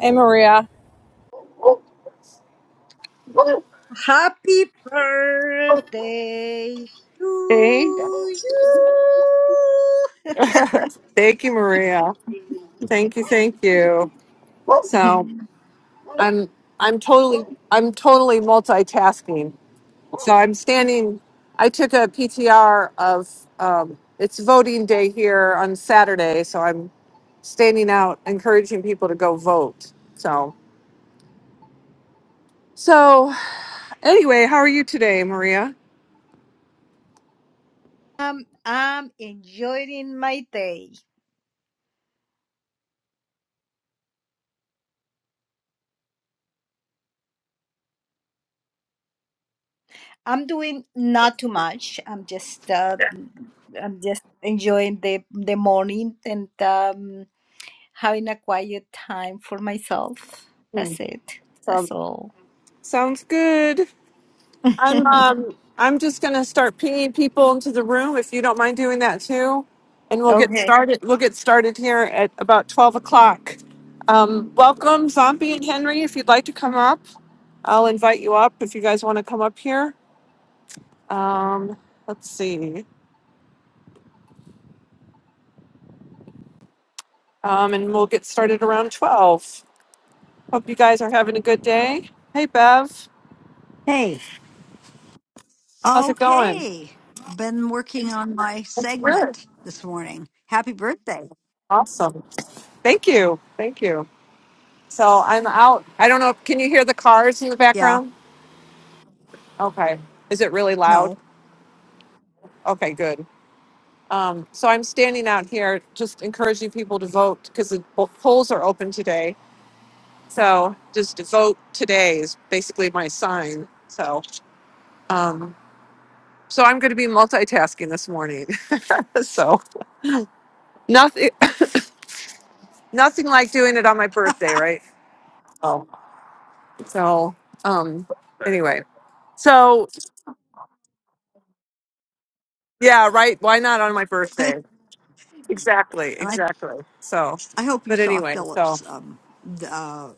Hey, Maria. Happy birthday Hey. to thank you, Maria. Thank you, thank you. So you. I'm I'm totally I'm totally multitasking. So I'm standing I took a PTR of um, it's voting day here on Saturday, so I'm standing out encouraging people to go vote. So so anyway, how are you today, Maria? I'm enjoying my day. I'm doing not too much. I'm just uh, I'm just enjoying the the morning and um, having a quiet time for myself. That's it. That's So, all. sounds good. I'm um I'm just gonna start pinging people into the room if you don't mind doing that too, and we'll get Okay. started. We'll get started here at about twelve o'clock. Um, welcome, Zombie and Henry. If you'd like to come up, I'll invite you up if you guys want to come up here. Um, let's see, um, and we'll get started around twelve. Hope you guys are having a good day. Hey, Bev, Hey, how's it going? okay. Been working on my It's good. segment this morning. Happy birthday. Awesome. Thank you. Thank you. So I'm out. I don't know. Can you hear the cars in the Yeah, background? Okay. Is it really loud? no. Okay, good. Um, so I'm standing out here just encouraging people to vote because the po- polls are open today. So just vote today is basically my sign. So, um, so I'm going to be multitasking this morning. so nothing, nothing like doing it on my birthday, right? Oh, so, um, anyway, so yeah, right. Why not on my birthday? And Exactly, I, exactly. So, I hope you but saw anyway, so Philip's um, the, uh,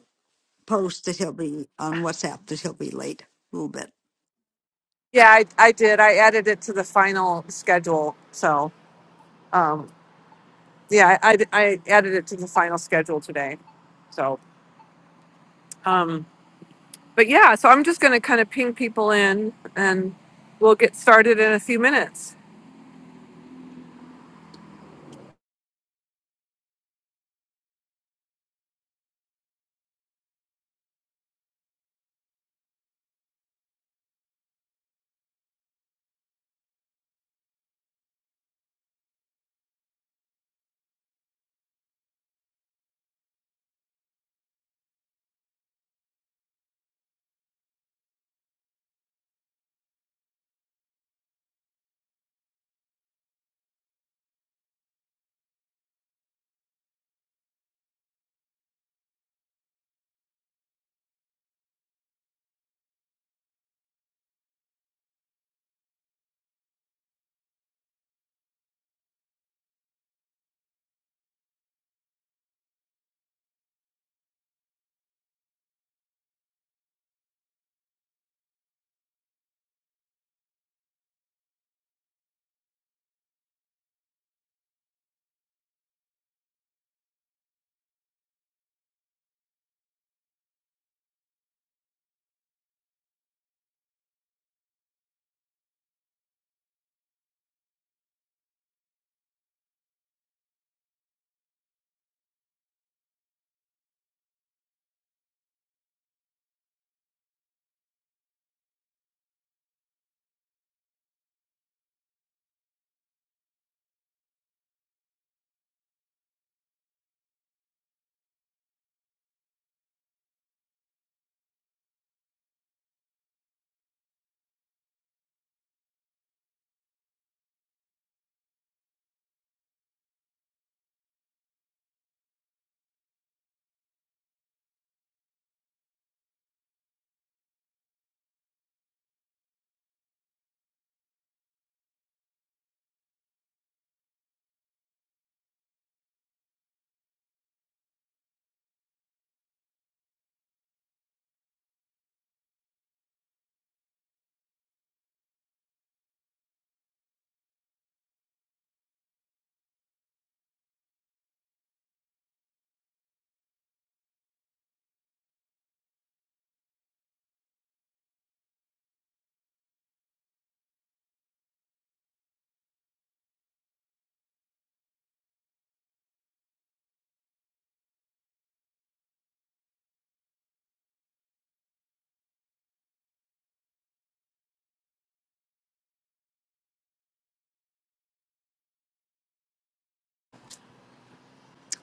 post that he'll be on WhatsApp that he'll be late a little bit. yeah, I, I did. I added it to the final schedule. So, um, yeah, I, I, added it to the final schedule today. So, um, but yeah, so I'm just going to kind of ping people in and we'll get started in a few minutes.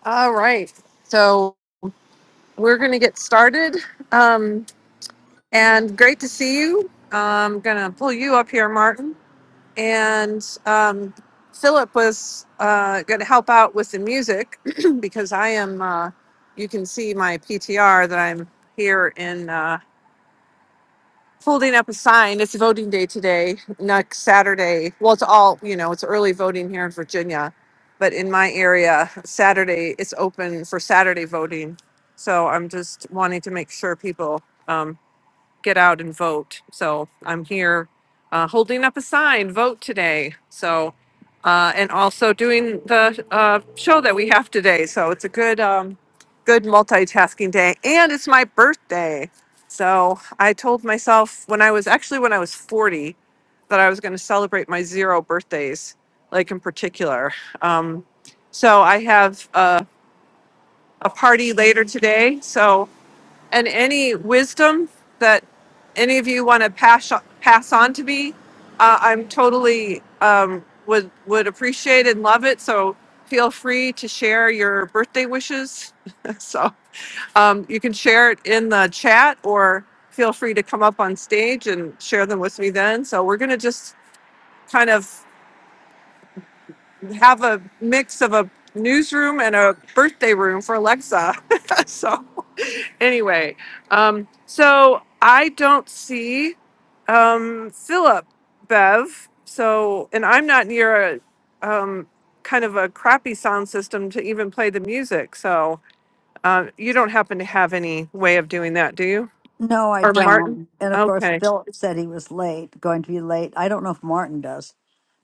All right. So we're going to get started. Um, and great to see you. I'm going to pull you up here, Martin. and um, Philip was uh, going to help out with the music because I am. Uh, you can see my PTR that I'm here in uh, holding up a sign. It's voting day today, next Saturday. Well, it's all you know. It's early voting here in Virginia, but in my area, Saturday it's open for Saturday voting. So I'm just wanting to make sure people. um, get out and vote. So I'm here uh, holding up a sign, vote today. So, uh, and also doing the uh, show that we have today. So it's a good, um, good multitasking day. And it's my birthday. So I told myself when I was actually when I was 40 that I was going to celebrate my zero birthdays, like in particular. Um, so I have a, a party later today. So and any wisdom that any of you want to pass pass on to me, uh, I'm totally um, would would appreciate and love it. So feel free to share your birthday wishes. so um, you can share it in the chat, or feel free to come up on stage and share them with me then. So we're gonna just kind of have a mix of a newsroom and a birthday room for Alexa. so anyway, um, so I don't see um, Philip Bev. So, and I'm not near a um, kind of a crappy sound system to even play the music. So, uh, you don't happen to have any way of doing that, do you? No, I Or I- don't. Martin? And of course, Okay. Philip said he was late, going to be late. I don't know if Martin does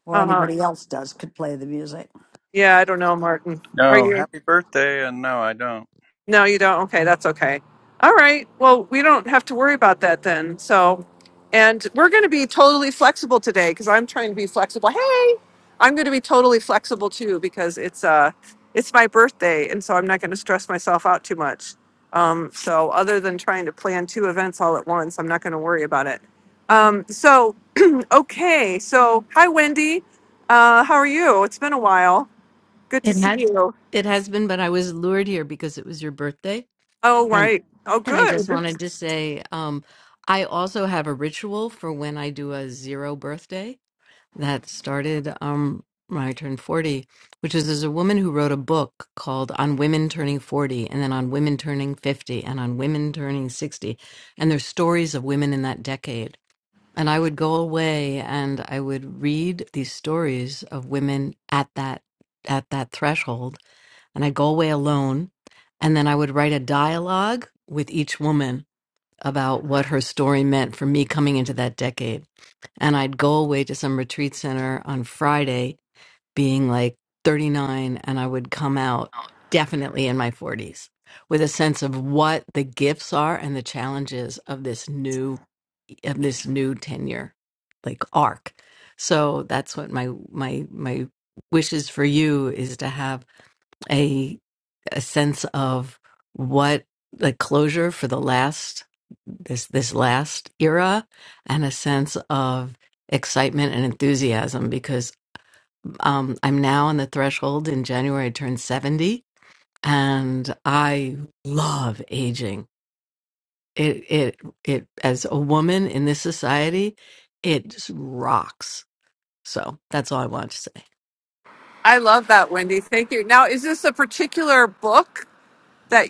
or Uh huh. anybody else does could play the music. Yeah, I don't know, Martin. Are No, you? happy birthday, and no, I don't. No, you don't. Okay, that's okay. All right. Well, we don't have to worry about that then. So, and we're going to be totally flexible today because I'm trying to be flexible. Hey, I'm going to be totally flexible too because it's uh it's my birthday and so I'm not going to stress myself out too much. Um, so other than trying to plan two events all at once, I'm not going to worry about it. Um, so okay. So hi Wendy. Uh, how are you? It's been a while. Good to It see has you. it has been, but I was lured here because it was your birthday. Oh And right. Oh and I good. just wanted to say, um, I also have a ritual for when I do a zero birthday that started um when I turned 40, which is there's a woman who wrote a book called On Women Turning 40 and then on women turning 50 and on women turning 60. And there's stories of women in that decade. And I would go away and I would read these stories of women at that at that threshold and I'd go away alone. And then I would write a dialogue with each woman about what her story meant for me coming into that decade. And I'd go away to some retreat center on Friday being like 39, and I would come out definitely in my 40s with a sense of what the gifts are and the challenges of this new of this new tenure like arc so that's what my my my wishes for you is to have a a sense of what the closure for the last this this last era and a sense of excitement and enthusiasm because um, I'm now on the threshold in January I turned 70 and I love aging it it it as a woman in this society it just rocks so that's all I want to say I love that, Wendy. Thank you. Now, is this a particular book that,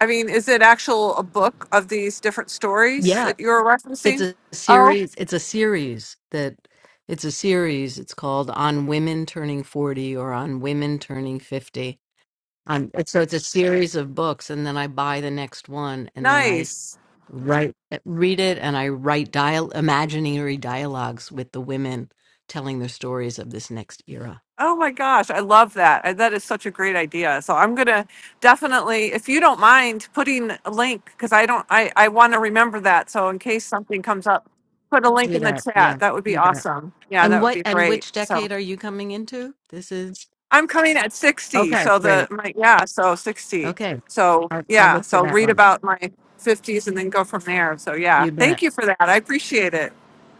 I mean, is it actual a book of these different stories Yeah. that you're It's referencing? a Oh, series. It's a series that it's a series. It's called On Women Turning 40 or On Women Turning 50. Um, and so it's a series of books, and then I buy the next one, and then I nice. write, eh, read it, and I write dial imaginary dialogues with the women telling their stories of this next era. Oh my gosh, I love that. I- That is such a great idea. So I'm gonna definitely, if you don't mind, putting a link because I don't, I I want to remember that. So in case something comes up, put a link Do in the that, yeah, chat. That would be you bet. awesome. Yeah, And that would what be and great. which So. decade are you coming into? This is I'm coming at 60. okay, So the great. my yeah, so 60. Okay, So I'll, I'll yeah, look for so that read one. about my 50s and then go from there. So yeah, You bet. thank you for that. I appreciate it.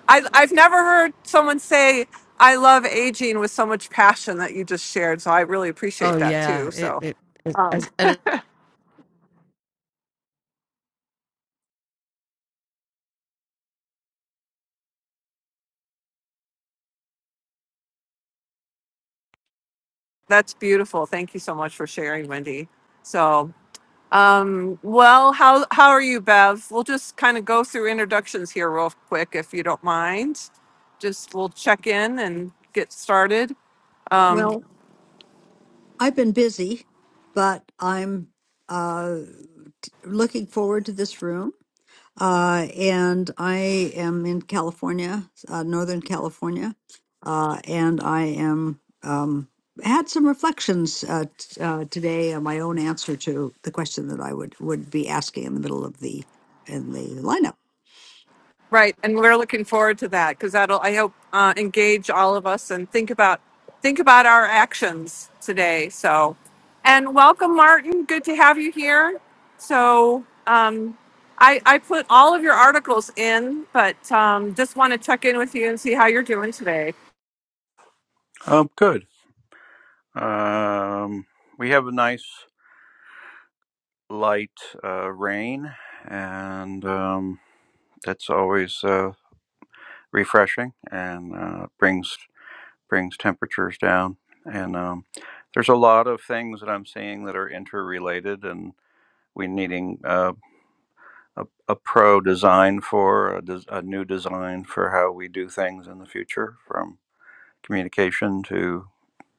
I I've never heard someone say I love aging with so much passion that you just shared. So I really Oh appreciate that yeah, too. it So it, it um as and that's beautiful. Thank you so much for sharing, Wendy. So Um, well, how how are you, Bev? We'll just kind of go through introductions here real quick, if you don't mind. Just we'll check in and get started. Um, Well, I've been busy, but I'm uh, looking forward to this room. Uh, and I am in California, uh, Northern California, uh, and I am um, had some reflections uh, t- uh, today on my own answer to the question that I would would be asking in the middle of the in the lineup. right, and we're looking forward to that because that'll I hope uh, engage all of us and think about think about our actions today. So, and welcome, Martin. Good to have you here. So. Um, I, I put all of your articles in, but um, just want to check in with you and see how you're doing today. Um, good. Um, we have a nice light uh, rain, and um, that's always uh, refreshing and uh, brings brings temperatures down. And um, there's a lot of things that I'm seeing that are interrelated, and we needing uh, a, a pro design for a, des- a new design for how we do things in the future, from communication to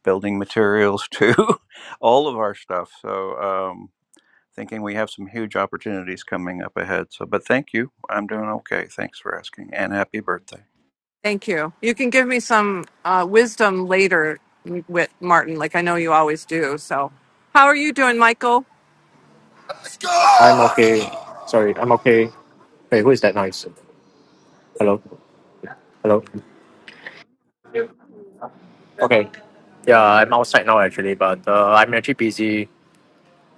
building materials to all of our stuff. So, um, thinking we have some huge opportunities coming up ahead. So, but thank you. I'm doing okay. Thanks for asking and happy birthday. Thank you. You can give me some uh, wisdom later, mm, with Martin, like I know you always do. So, how are you doing, Michael? I'm okay. Sorry, I'm okay. Wait, who is that noise? Hello? Hello? Okay. Yeah, I'm outside now actually, but uh, I'm actually busy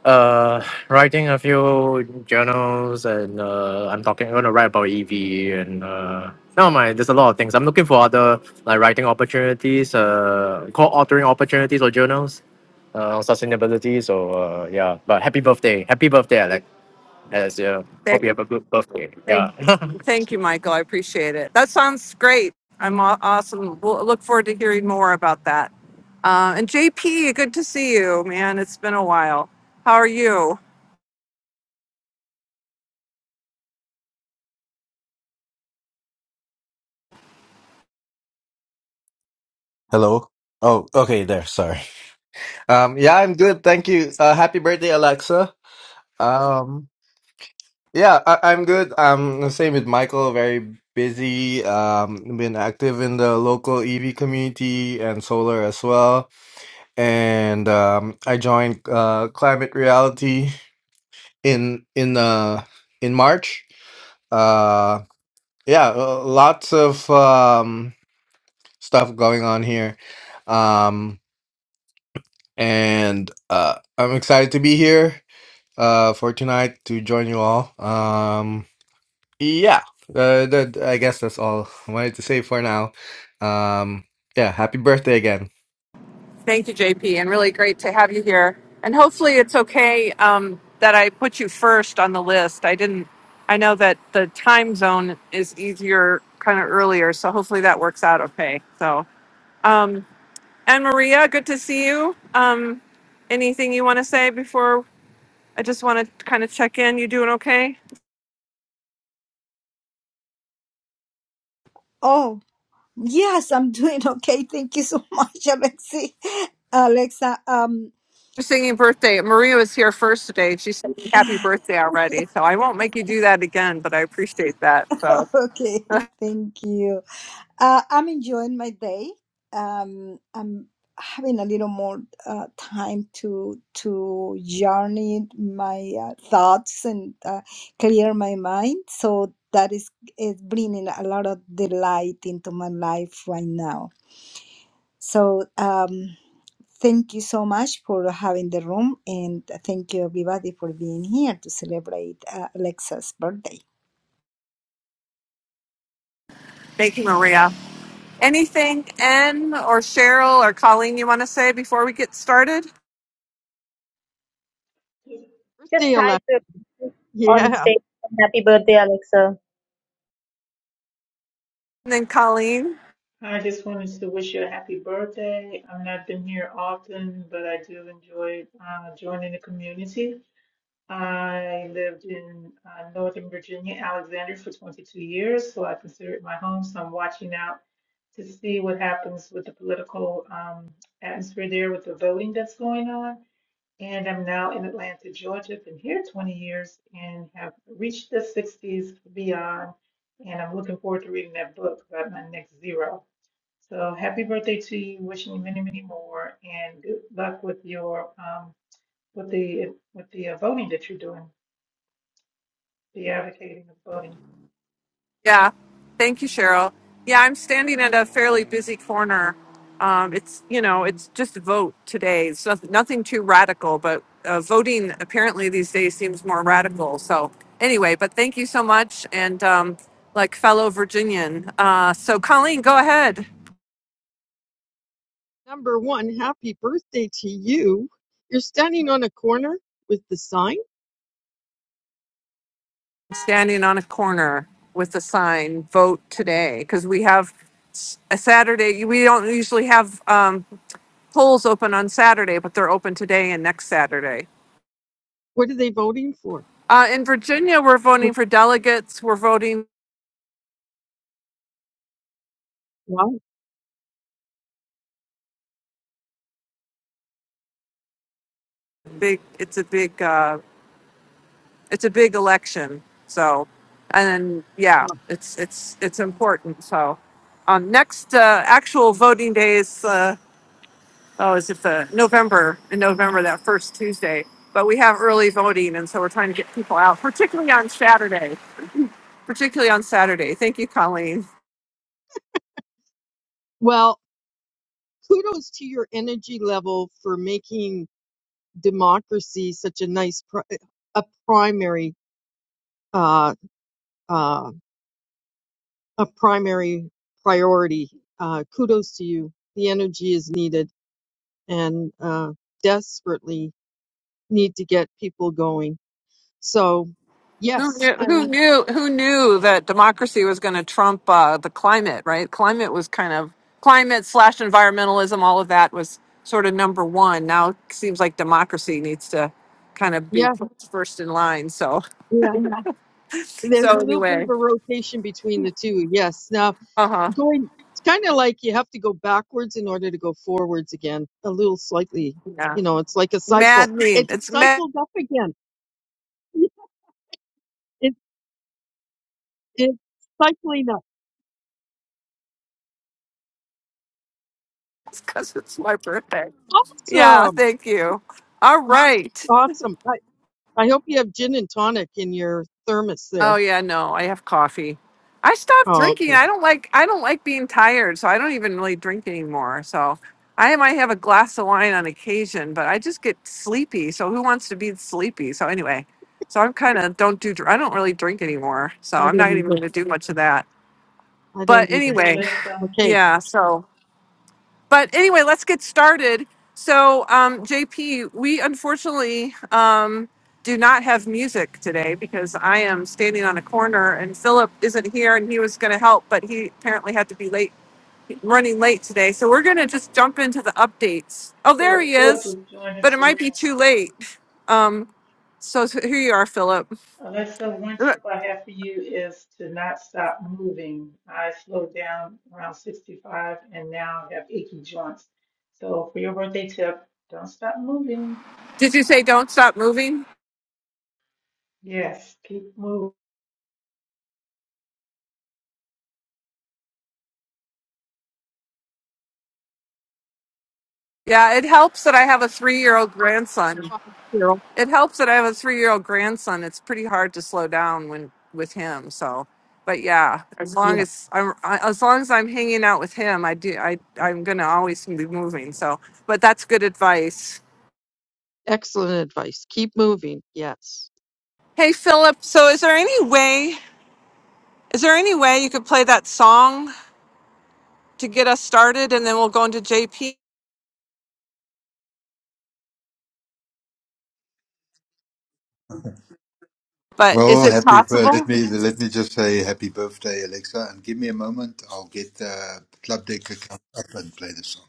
uh, writing a few journals and uh, I'm talking, I'm going to write about EV and uh, no, my, there's a lot of things. I'm looking for other like writing opportunities, uh, co-authoring opportunities or journals uh, on sustainability. So uh, yeah, but happy birthday. Happy birthday, Alex. As, uh, hope Thank, you have a good birthday. Yeah. thank, thank you, Michael. I appreciate it. That sounds great. I'm aw- awesome. We'll look forward to hearing more about that. Uh, and JP, good to see you, man. It's been a while. How are you? Hello. Oh, okay, there. Sorry. Um, yeah, I'm good. Thank you. Uh, happy birthday, Alexa. Um, yeah, I- I'm good. Um, the same with Michael. Very busy. Um, been active in the local EV community and solar as well. And um, I joined uh, Climate Reality in in uh in March. Uh, yeah, uh, lots of um stuff going on here. Um, and uh, I'm excited to be here uh, for tonight to join you all. Um, yeah, uh, that, I guess that's all I wanted to say for now. Um, yeah, happy birthday again. Thank you, JP, and really great to have you here. And hopefully, it's okay um, that I put you first on the list. I didn't. I know that the time zone is easier, kind of earlier, so hopefully that works out okay. So, um, and Maria, good to see you. Um, anything you want to say before? I just want to kind of check in. You doing okay? Oh, yes, I'm doing okay. Thank you so much, Alexi. Alexa, um You're singing birthday. Maria was here first today. She said happy birthday already, so I won't make you do that again. But I appreciate that. So, Okay, thank you. Uh, I'm enjoying my day. Um, I'm having a little more uh, time to to journey my uh, thoughts and uh, clear my mind. So that is is bringing a lot of delight into my life right now. So um, thank you so much for having the room, and thank you everybody for being here to celebrate uh, Alexa's birthday. thank you, Maria. Anything Anne or Cheryl or Colleen you want to say before we get started? Just Birthday, Alexa. hi to on Yeah. stage. Happy birthday, Alexa. And then Colleen. I just wanted to wish you a happy birthday. I've not been here often, but I do enjoy uh, joining the community. I lived in uh, Northern Virginia, Alexandria, for 22 years, so I consider it my home. So I'm watching out to see what happens with the political um, atmosphere there, with the voting that's going on. And I'm now in Atlanta, Georgia. Been here 20 years and have reached the 60s beyond. And I'm looking forward to reading that book about my next zero. So happy birthday to you. Wishing you many, many more, and good luck with your um with the with the uh, voting that you're doing, the advocating of voting. Yeah. Thank you, Cheryl. Yeah, I'm standing at a fairly busy corner. Um, it's, you know, it's just a vote today. It's nothing, nothing too radical, but uh, voting apparently these days seems more radical. So, anyway, but thank you so much. And um, like fellow Virginian. Uh, so, Colleen, go ahead. Number one, happy birthday to you. You're standing on a corner with the sign. standing on a corner with a sign, vote today, because we have s- a Saturday, we don't usually have um, polls open on Saturday, but they're open today and next Saturday. What are they voting for? Uh, in Virginia, we're voting What? for delegates. We're voting Wow. big. It's a big. Uh, it's a big election. So, and yeah, wow. it's it's it's important. So, um, next uh, actual voting day is uh, Oh, is it the November, in November, that first Tuesday? But we have early voting, and so we're trying to get people out, particularly on Saturday, particularly on Saturday. Thank you, Colleen. Well, kudos to your energy level for making democracy such a nice, pri- a primary, uh, uh, a primary priority. Uh, kudos to you. The energy is needed and uh, desperately need to get people going. So Who Yes, knew, who knew, who knew that democracy was going to trump uh, the climate, right? Climate was kind of, climate slash environmentalism, all of that was sort of number one. Now it seems like democracy needs to kind of be Yeah, put first in line. So, yeah. There's so a little bit of anyway, a rotation between the two. Yes. Now, uh huh. going, it's kind of like you have to go backwards in order to go forwards again, a little slightly. Yeah. You know, it's like a cycle. Maddening. It's It's mad cycled up again. It's it's cycling up. because it's my birthday. Yeah, Awesome. thank you. All right. Awesome. I, I hope you have gin and tonic in your thermos there. Oh yeah, no, I have coffee. I stopped Oh, drinking. okay. I don't like I don't like being tired, so I don't even really drink anymore. So I might have a glass of wine on occasion, but I just get sleepy. So who wants to be sleepy? So anyway, so I'm kind of don't do dr- I don't really drink anymore. So I I'm don't not even either. going to do much of that. I But don't either. So anyway, let's um Okay. yeah. So but anyway, let's get started. So, um, JP, we unfortunately um, do not have music today because I am standing on a corner and Philip isn't here and he was going to help, but he apparently had to be late, running late today. So, we're going to just jump into the updates. Oh, there Philip he Philip is, just joined us. but it might Listen. be too late. Um, so, here you are, Philip. Alyssa, one tip I have for you is to not stop moving. I slowed down around 65 and now have achy joints. So for your birthday tip, don't stop moving. Did you say don't stop moving? Yes, keep moving. Yeah, it helps that I have a three year old grandson. Bye, Carol. it helps that I have a three year old grandson. It's pretty hard to slow down when with him. So, but yeah, as long Yeah. as I'm I- as long as I'm hanging out with him, I do I I'm gonna always be moving. So, but that's good advice. Excellent advice. Keep moving. Yes. Hey Philip, so is there any way is there any way you could play that song to get us started, and then we'll go into JP? But is Well, it happy. bir- possible? Let me let me just say happy birthday, Alexa, and give me a moment. I'll get the club deck account up and play the song.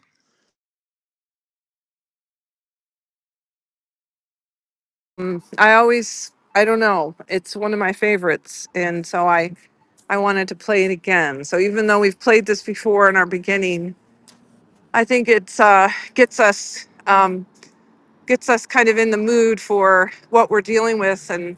Mm, I always, I don't know. It's one of my favorites, and so I, I wanted to play it again. So even though we've played this before in our beginning, I think it's uh, gets us um, gets us kind of in the mood for what we're dealing with and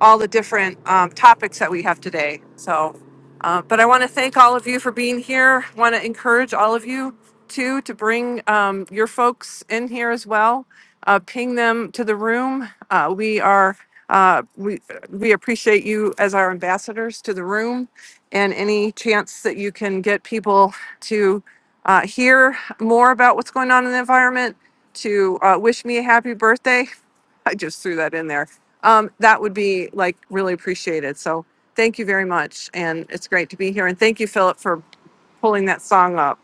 all the different um, topics that we have today. So, uh, but I want to thank all of you for being here. Want to encourage all of you too to bring um, your folks in here as well uh, ping them to the room. Uh, we are uh, we we appreciate you as our ambassadors to the room, and any chance that you can get people to uh, hear more about what's going on in the environment, to uh, wish me a happy birthday. I just threw that in there. Um, that would be like really appreciated. So thank you very much, and it's great to be here. And thank you, Philip, for pulling that song up.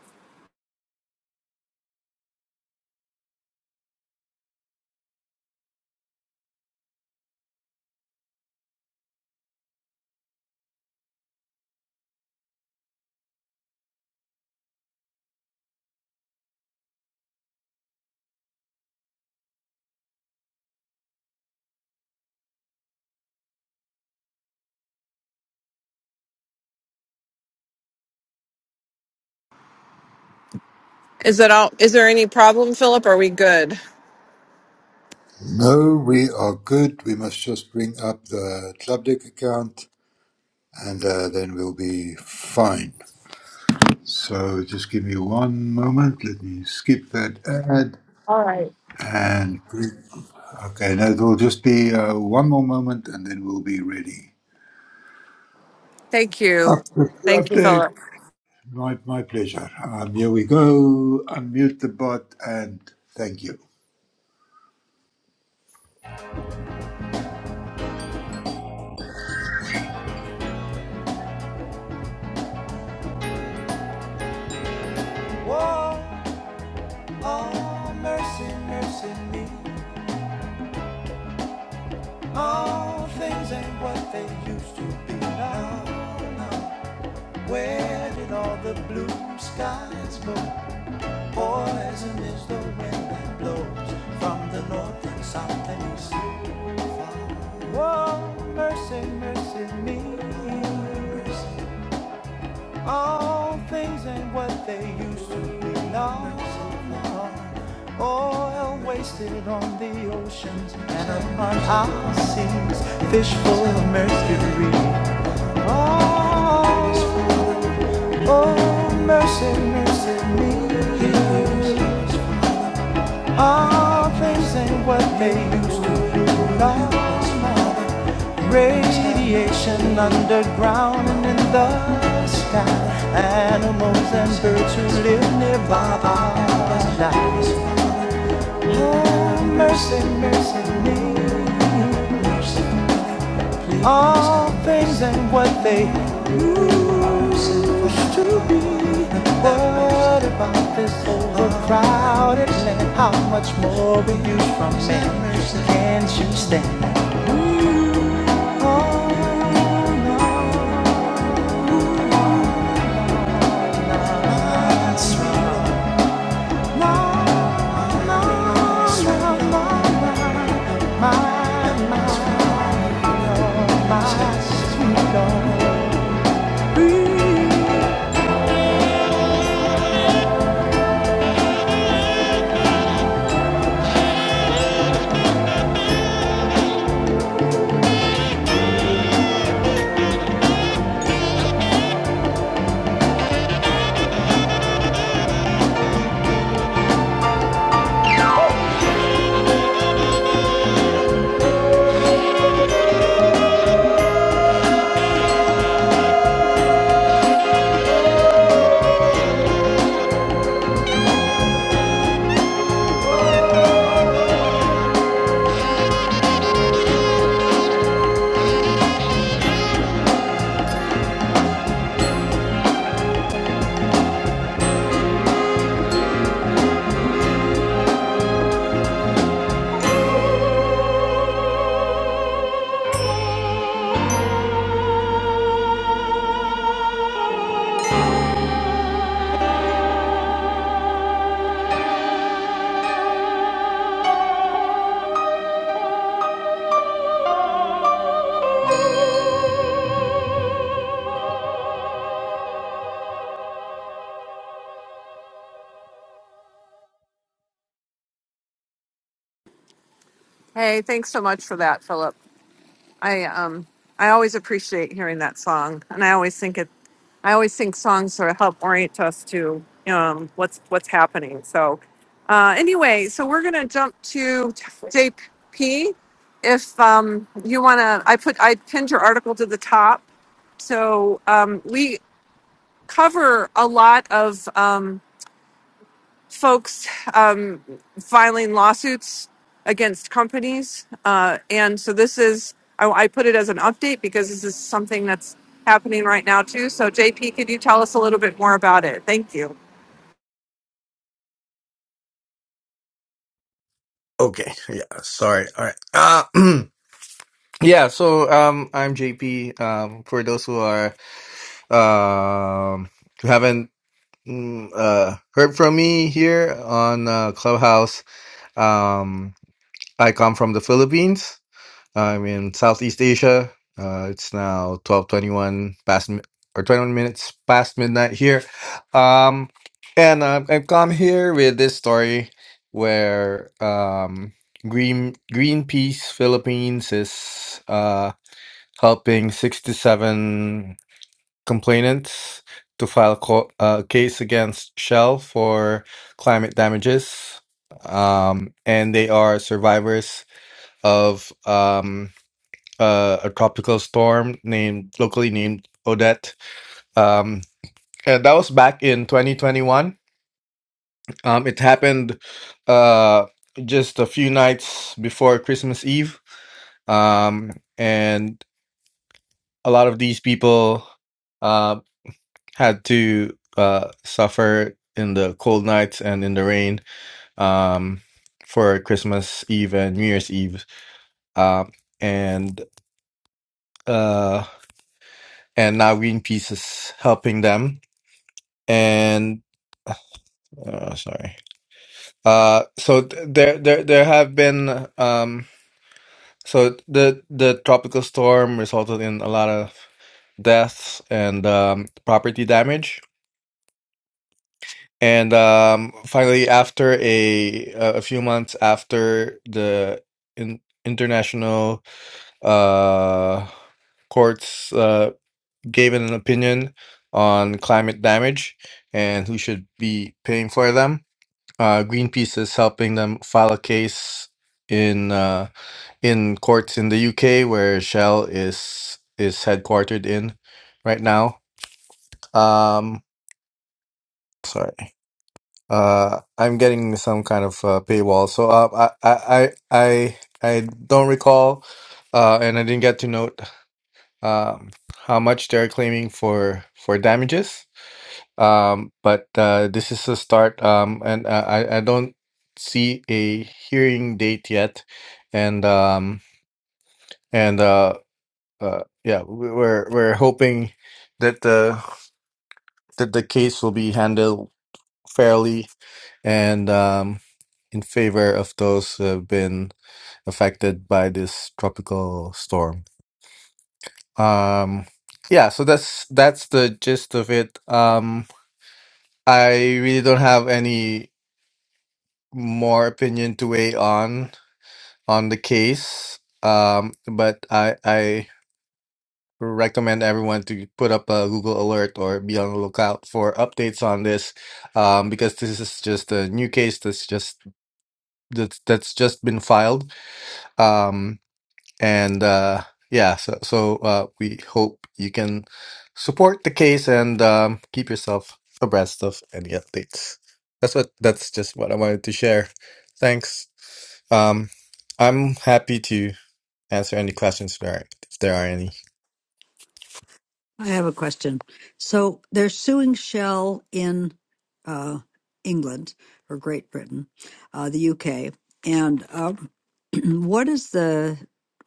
Is that all? Is there any problem, Philip? Are we good? No, we are good. We must just bring up the club deck account, and uh, then we'll be fine. So, just give me one moment. Let me skip that ad and bring. Okay, now it will just be uh, one more moment, and then we'll be ready. Thank you. Up the Thank club you, deck. Philip. My, my pleasure. Um, here we go. Unmute the bot and thank you. Whoa, oh, mercy, mercy me. All things ain't what they used to be now. Where did all the blue skies go? Poison is the wind that blows from the north and south and east. Whoa, mercy, mercy me. All things ain't what they used to be. No, no. Oil wasted on the oceans and upon our seas. Fish full of mercury. Oh, oh, mercy, mercy me. All things ain't what they used to be. Love is more than radiation underground and in the sky. Animals and birds who live nearby are alive. Oh, mercy, mercy me all things and what they used to be. What about this overcrowded land? How much more we use from men? Can't you stand? Oh, no. That's wrong. No, no, no, no, no. My, my, oh, my sweet Lord. Please Hey, thanks so much for that, Philip. I um I always appreciate hearing that song. And I always think it I always think songs sort of help orient us to um what's what's happening. So uh anyway, so we're gonna jump to JP. If um you wanna I put I pinned your article to the top. So um we cover a lot of um folks um, filing lawsuits against companies. Uh, and so this is, I, I put it as an update because this is something that's happening right now too. So, JP, could you tell us a little bit more about it? Thank you. Okay. Yeah. Sorry. All right. Uh, Yeah, so um, I'm JP. Um, for those who are um, who haven't mm, uh, heard from me here on uh, Clubhouse, um, I come from the Philippines. I'm in Southeast Asia. Uh, it's now 12:21 past mi- or 21 minutes past midnight here. Um, and uh, I've come here with this story where um, Green Greenpeace Philippines is uh, helping 67 complainants to file co- a case against Shell for climate damages. Um, and they are survivors of um, uh, a tropical storm named locally named Odette. Um, and that was back in 2021. Um, it happened uh, just a few nights before Christmas Eve, um, and a lot of these people uh, had to uh, suffer in the cold nights and in the rain um, for Christmas Eve and New Year's Eve. Um, and uh, and now Greenpeace is helping them and oh, sorry. Uh, so th- there, there, there have been um, so the the tropical storm resulted in a lot of deaths and um, property damage. And um, finally, after a a few months after the in, international uh, courts uh, gave an opinion on climate damage and who should be paying for them, Uh, Greenpeace is helping them file a case in uh, in courts in the UK where Shell is is headquartered in right now. Um, sorry. Uh, I'm getting some kind of uh, paywall, so uh, I, I I I I don't recall, uh, and I didn't get to note um, how much they're claiming for for damages. um, but uh, this is a start, um, and uh, I I don't see a hearing date yet, and um, and uh, uh, yeah, we- we're we're hoping that the that the case will be handled fairly and um, in favor of those who have been affected by this tropical storm. Um, yeah, so that's that's the gist of it. Um, I really don't have any. more opinion to weigh on on the case. Um, but I I recommend everyone to put up a Google alert or be on the lookout for updates on this, um, because this is just a new case that's just that's that's just been filed. Um, and uh, yeah, so so uh, we hope you can support the case and um, keep yourself abreast of any updates. That's what that's just what I wanted to share. Thanks. Um, I'm happy to answer any questions there are- if there are any. I have a question. So they're suing Shell in uh, England or Great Britain, uh, the UK, and uh, Mm, What is the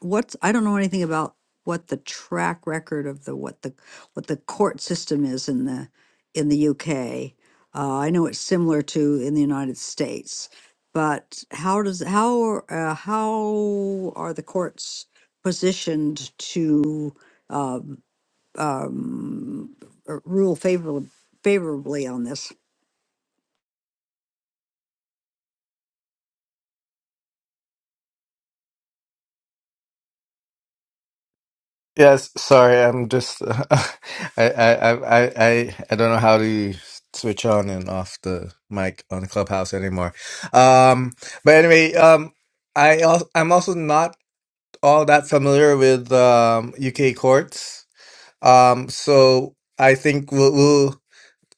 what's I don't know anything about what the track record of the what the what the court system is in the in the UK. Uh, I know it's similar to in the United States, but how does how are- uh, how are the courts positioned to um, uh, rule favorably favorably on this? Yes, sorry, I'm just I, I I I I I don't know how to switch on and off the mic on Clubhouse anymore. Um, but anyway, um, I also, I'm also not all that familiar with um, UK courts. Um, so I think we'll, we'll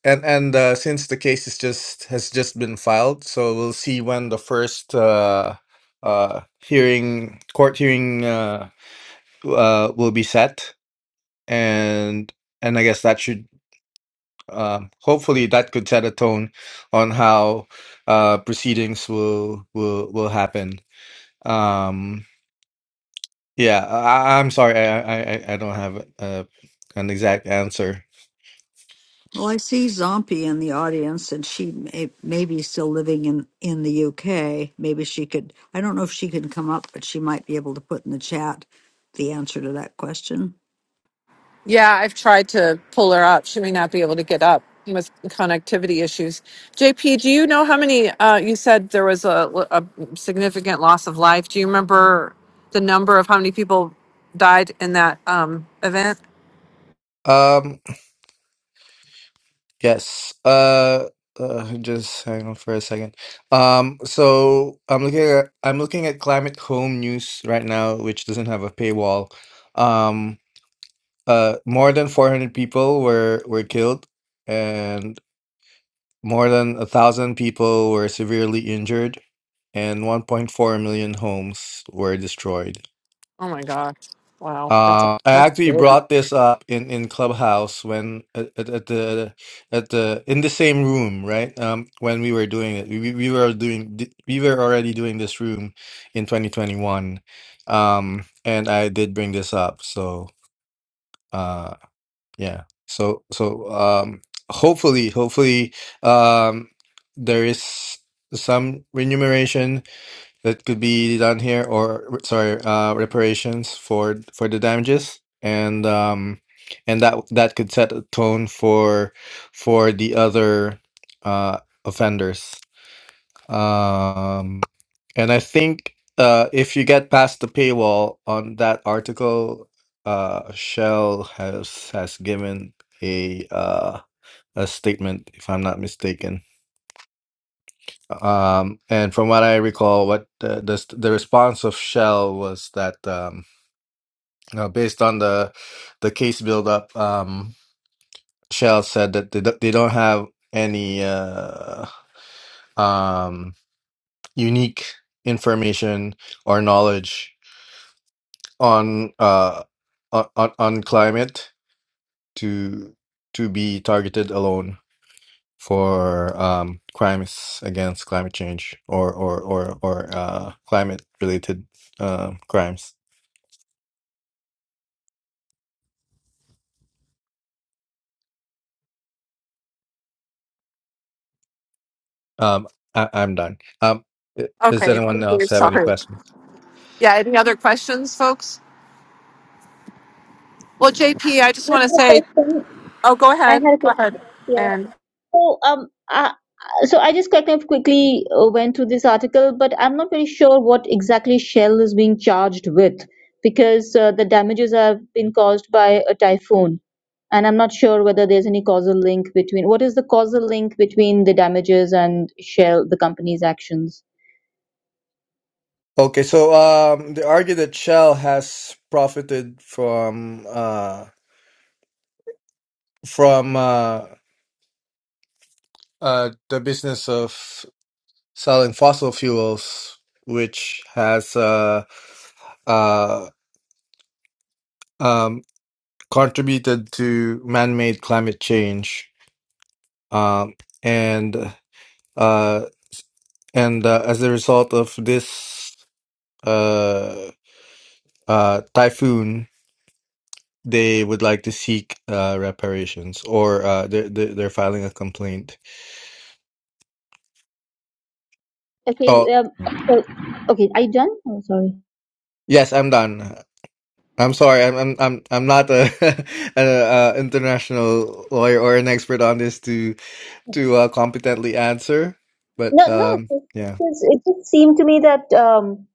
and and uh, since the case is just has just been filed, so we'll see when the first uh, uh, hearing court hearing uh, w- uh, will be set, and and I guess that should um, hopefully that could set a tone on how uh, proceedings will will will happen. Um, Yeah, I, I- I'm sorry. I, I I I don't have uh, an exact answer. Well, I see Zombie in the audience, and she may, may be still living in, in the UK. Maybe she could, I don't know if she can come up, but she might be able to put in the chat the answer to that question. Yeah, I've tried to pull her up. She may not be able to get up with connectivity issues. JP, do you know how many? Uh, you said there was a, a significant loss of life. Do you remember the number of how many people died in that um, event? Um, yes. Uh, uh, just hang on for a second. Um, so I'm looking at I'm looking at Climate Home News right now, which doesn't have a paywall. Um, uh, more than 400 people were were killed, and more than a thousand people were severely injured, and 1.4 million homes were destroyed. Oh my gosh. Wow. That's a Uh, I that's actually big. brought this up in in Clubhouse when at, at, at the at the in the same room, right? Um, when we were doing it, we we we were doing we were already doing this room in 2021, um, and I did bring this up. So, uh, yeah. So so um, hopefully hopefully um, there is some remuneration that could be done here, or sorry, uh, reparations for for the damages, and um, and that that could set a tone for for the other uh, offenders. Um, and I think uh, if you get past the paywall on that article, uh, Shell has has given a uh, a statement, if I'm not mistaken. Um, and from what I recall, what the the, the response of Shell was that um, you know, based on the the case buildup, um, Shell said that they don't- they don't have any uh, um, unique information or knowledge on uh on on on climate to to be targeted alone. for um, crimes against climate change or or or or uh, climate related uh, crimes. Um, I, I'm done. Um, i- does Okay. anyone Thank else you. have any Sorry. questions? Yeah, any other questions, folks? Well, JP, I just I want to have say a question. oh go I ahead. had a Go ahead. question here. And So, um, I, so I just kind of quickly uh, went through this article, but I'm not very sure what exactly Shell is being charged with because uh, the damages have been caused by a typhoon, and I'm not sure whether there's any causal link between what is the causal link between the damages and Shell, the company's actions. Okay, so um, they argue that Shell has profited from uh, from uh, uh, the business of selling fossil fuels, which has uh, uh, um, contributed to man-made climate change, um, and uh, and uh, as a result of this uh, uh, typhoon, they would like to seek uh, reparations, or uh, they're they're they're filing a complaint. Okay, Oh, um, so, okay, are you done? Oh, sorry. yes, I'm done. I'm sorry, I'm I'm I'm I'm not a, an uh international lawyer or an expert on this to to uh, competently answer. But No, no, it um, just, yeah, it just seemed to me that um,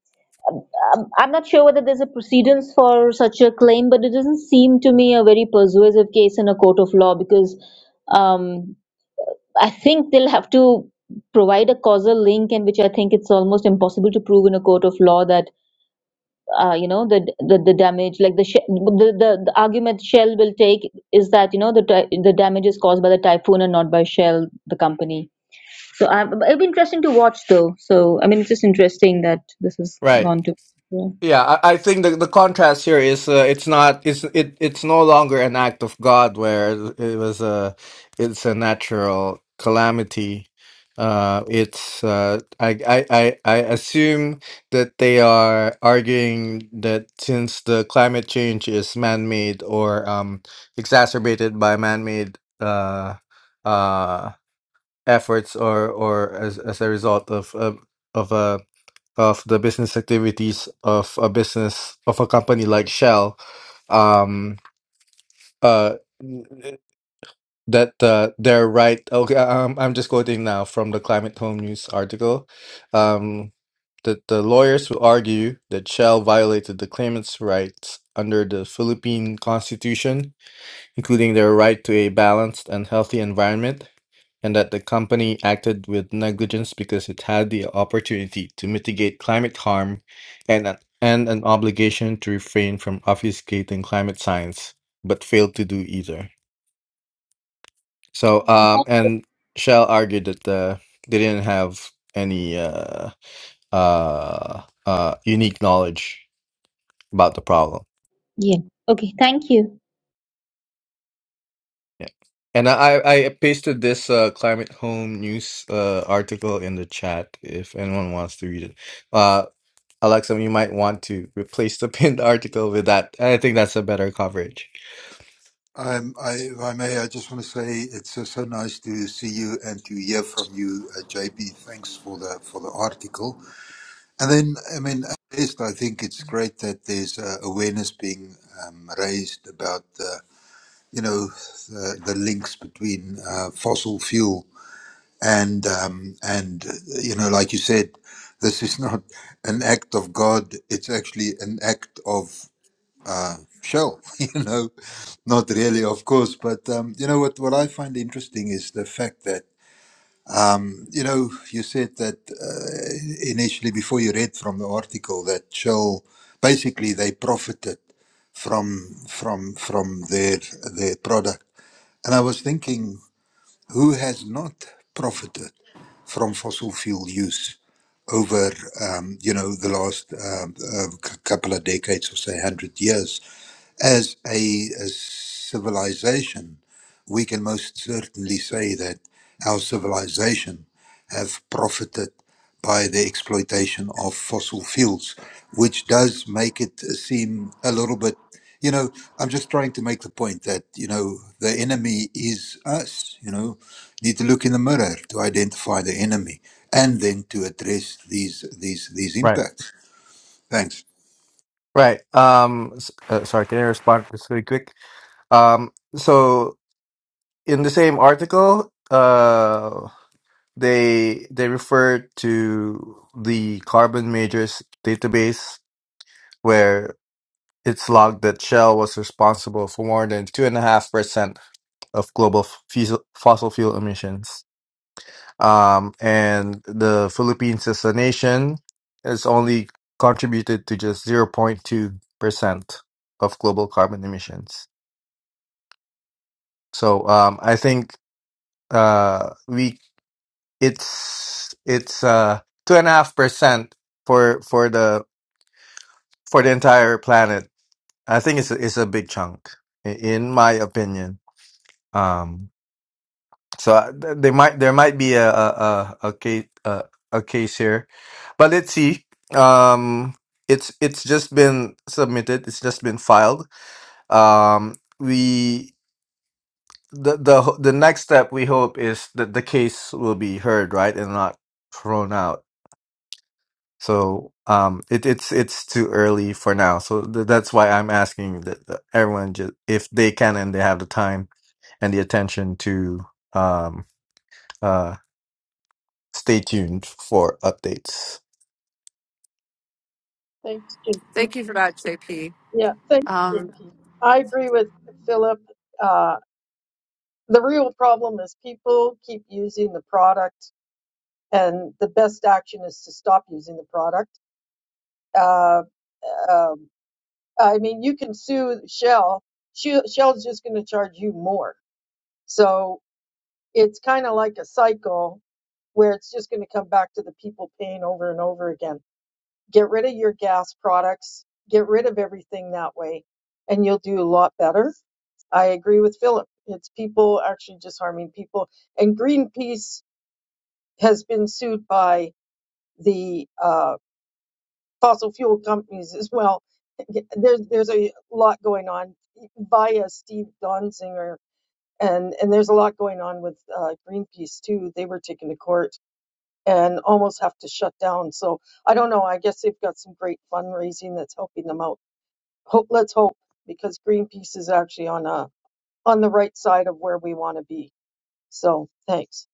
I'm I'm not sure whether there's a precedence for such a claim, but it doesn't seem to me a very persuasive case in a court of law because um, I think they'll have to provide a causal link, and which I think it's almost impossible to prove in a court of law that uh, you know the, the the damage, like the sh- the, the the argument Shell will take is that you know the ty- the damage is caused by the typhoon and not by Shell, the company. So I, it'll be interesting to watch though. So I mean, it's just interesting that this has right. gone to. Yeah. Yeah, I, I think the, the contrast here is uh, it's not it's it it's no longer an act of God where it was a it's a natural calamity. Uh, it's uh, I, I I I assume that they are arguing that since the climate change is man made or um, exacerbated by man made uh, uh, efforts or or as as a result of of of a of the business activities of a business of a company like Shell um uh that uh, they're right okay I'm I'm just quoting now from the Climate Home News article um that the lawyers will argue that Shell violated the claimant's rights under the Philippine constitution including their right to a balanced and healthy environment and that the company acted with negligence because it had the opportunity to mitigate climate harm and, a- and an obligation to refrain from obfuscating climate science, but failed to do either. So, Okay. um, thank you. and Shell argued that uh, they didn't have any uh, uh, uh, unique knowledge about the problem. Yeah. Okay. Thank you. Yeah. And I, I I pasted this uh, Climate Home News uh, article in the chat if anyone wants to read it. Uh. Alexa, you might want to replace the pinned article with that. I think that's a better coverage. Um, I, if I may, I just want to say it's uh, so nice to see you and to hear from you, uh, JP. Thanks for the for the article. And then, I mean, at least I think it's great that there's uh, awareness being um, raised about the, you know, the, the links between uh, fossil fuel and um, and uh, you know, like you said, this is not an act of God. It's actually an act of uh, shell. You know, not really, of course. But um, you know what? What I find interesting is the fact that you know you said that uh, initially before you read from the article that shell basically they profited from from from their their product, and I was thinking who has not profited from fossil fuel use over um, you know the last um, uh, c- couple of decades or say 100 years as a, a civilization, we can most certainly say that our civilization have profited by the exploitation of fossil fuels, which does make it seem a little bit, you know, I'm just trying to make the point that, you know, the enemy is us, you know, need to look in the mirror to identify the enemy and then to address these, these, these Right. impacts. Thanks. Right. Um, s- uh, sorry, can I respond just really quick? Um, so in the same article, uh, they they refer to the Carbon Majors database where it's logged that Shell was responsible for more than two and a half percent of global f- fusel- fossil fuel emissions. Um, and the Philippines as a nation has only contributed to just 0.2% of global carbon emissions. So um, I think uh, we it's it's uh, two and a half percent for for the for the entire planet. I think it's a, it's a big chunk, i- in my opinion. Um, So uh, th- there might there might be a a a, a case a, a case here, but let's see. Um, it's it's just been submitted. It's just been filed. Um, we the the ho- the next step we hope is that the case will be heard right and not thrown out. So um, it, it's it's too early for now. So th- that's why I'm asking that that everyone just if they can and they have the time and the attention to um uh, stay tuned for updates. Thanks, Jim. thank you for that, JP. Yeah, thanks, Um, JP. I agree with Philip. Uh, the real problem is people keep using the product, and the best action is to stop using the product. Uh, um, I mean, you can sue Shell. Shell- Shell's just going to charge you more. So it's kind of like a cycle where it's just going to come back to the people paying over and over again. Get rid of your gas products, get rid of everything that way, and you'll do a lot better. I agree with Philip. It's people actually just harming people. And Greenpeace has been sued by the uh, fossil fuel companies as well. There's there's a lot going on via Steve Donzinger, and and there's a lot going on with uh, Greenpeace too. They were taken to court and almost have to shut down. So I don't know. I guess they've got some great fundraising that's helping them out. hope let's hope because Greenpeace is actually on a on the right side of where we want to be. So thanks.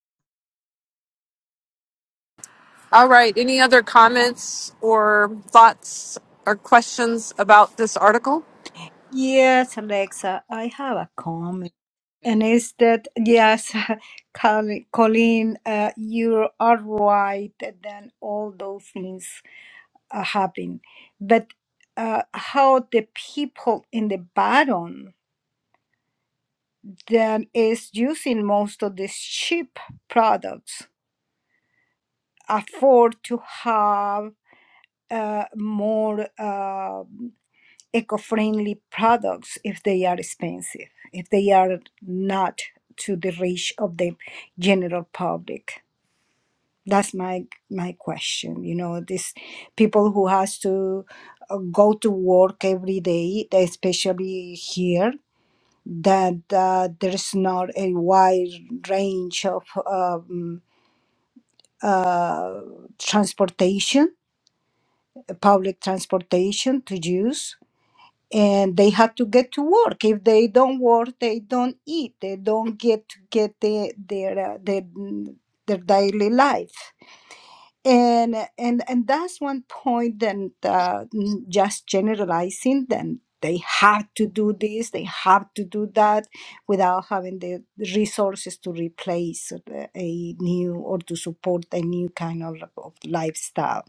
all right. Any other comments or thoughts or questions about this article? Yes, Alexa, I have a comment. And hello is that, yes, Col- Colleen, uh, you are right, then all those things are happening, But uh, how the people in the bottom that is using most of these cheap products afford to have uh, more. Uh, eco-friendly products if they are expensive, if they are not to the reach of the general public. That's my my question. You know, these people who has to uh, go to work every day, especially here, that uh, there's not a wide range of um, uh, transportation, public transportation to use and they have to get to work if they don't work they don't eat they don't get to get their their uh, their, mm, their daily life and and and that's one point and uh, n- just generalizing them they have to do this they have to do that without having the resources to replace the- a new or to support a new kind of, of lifestyle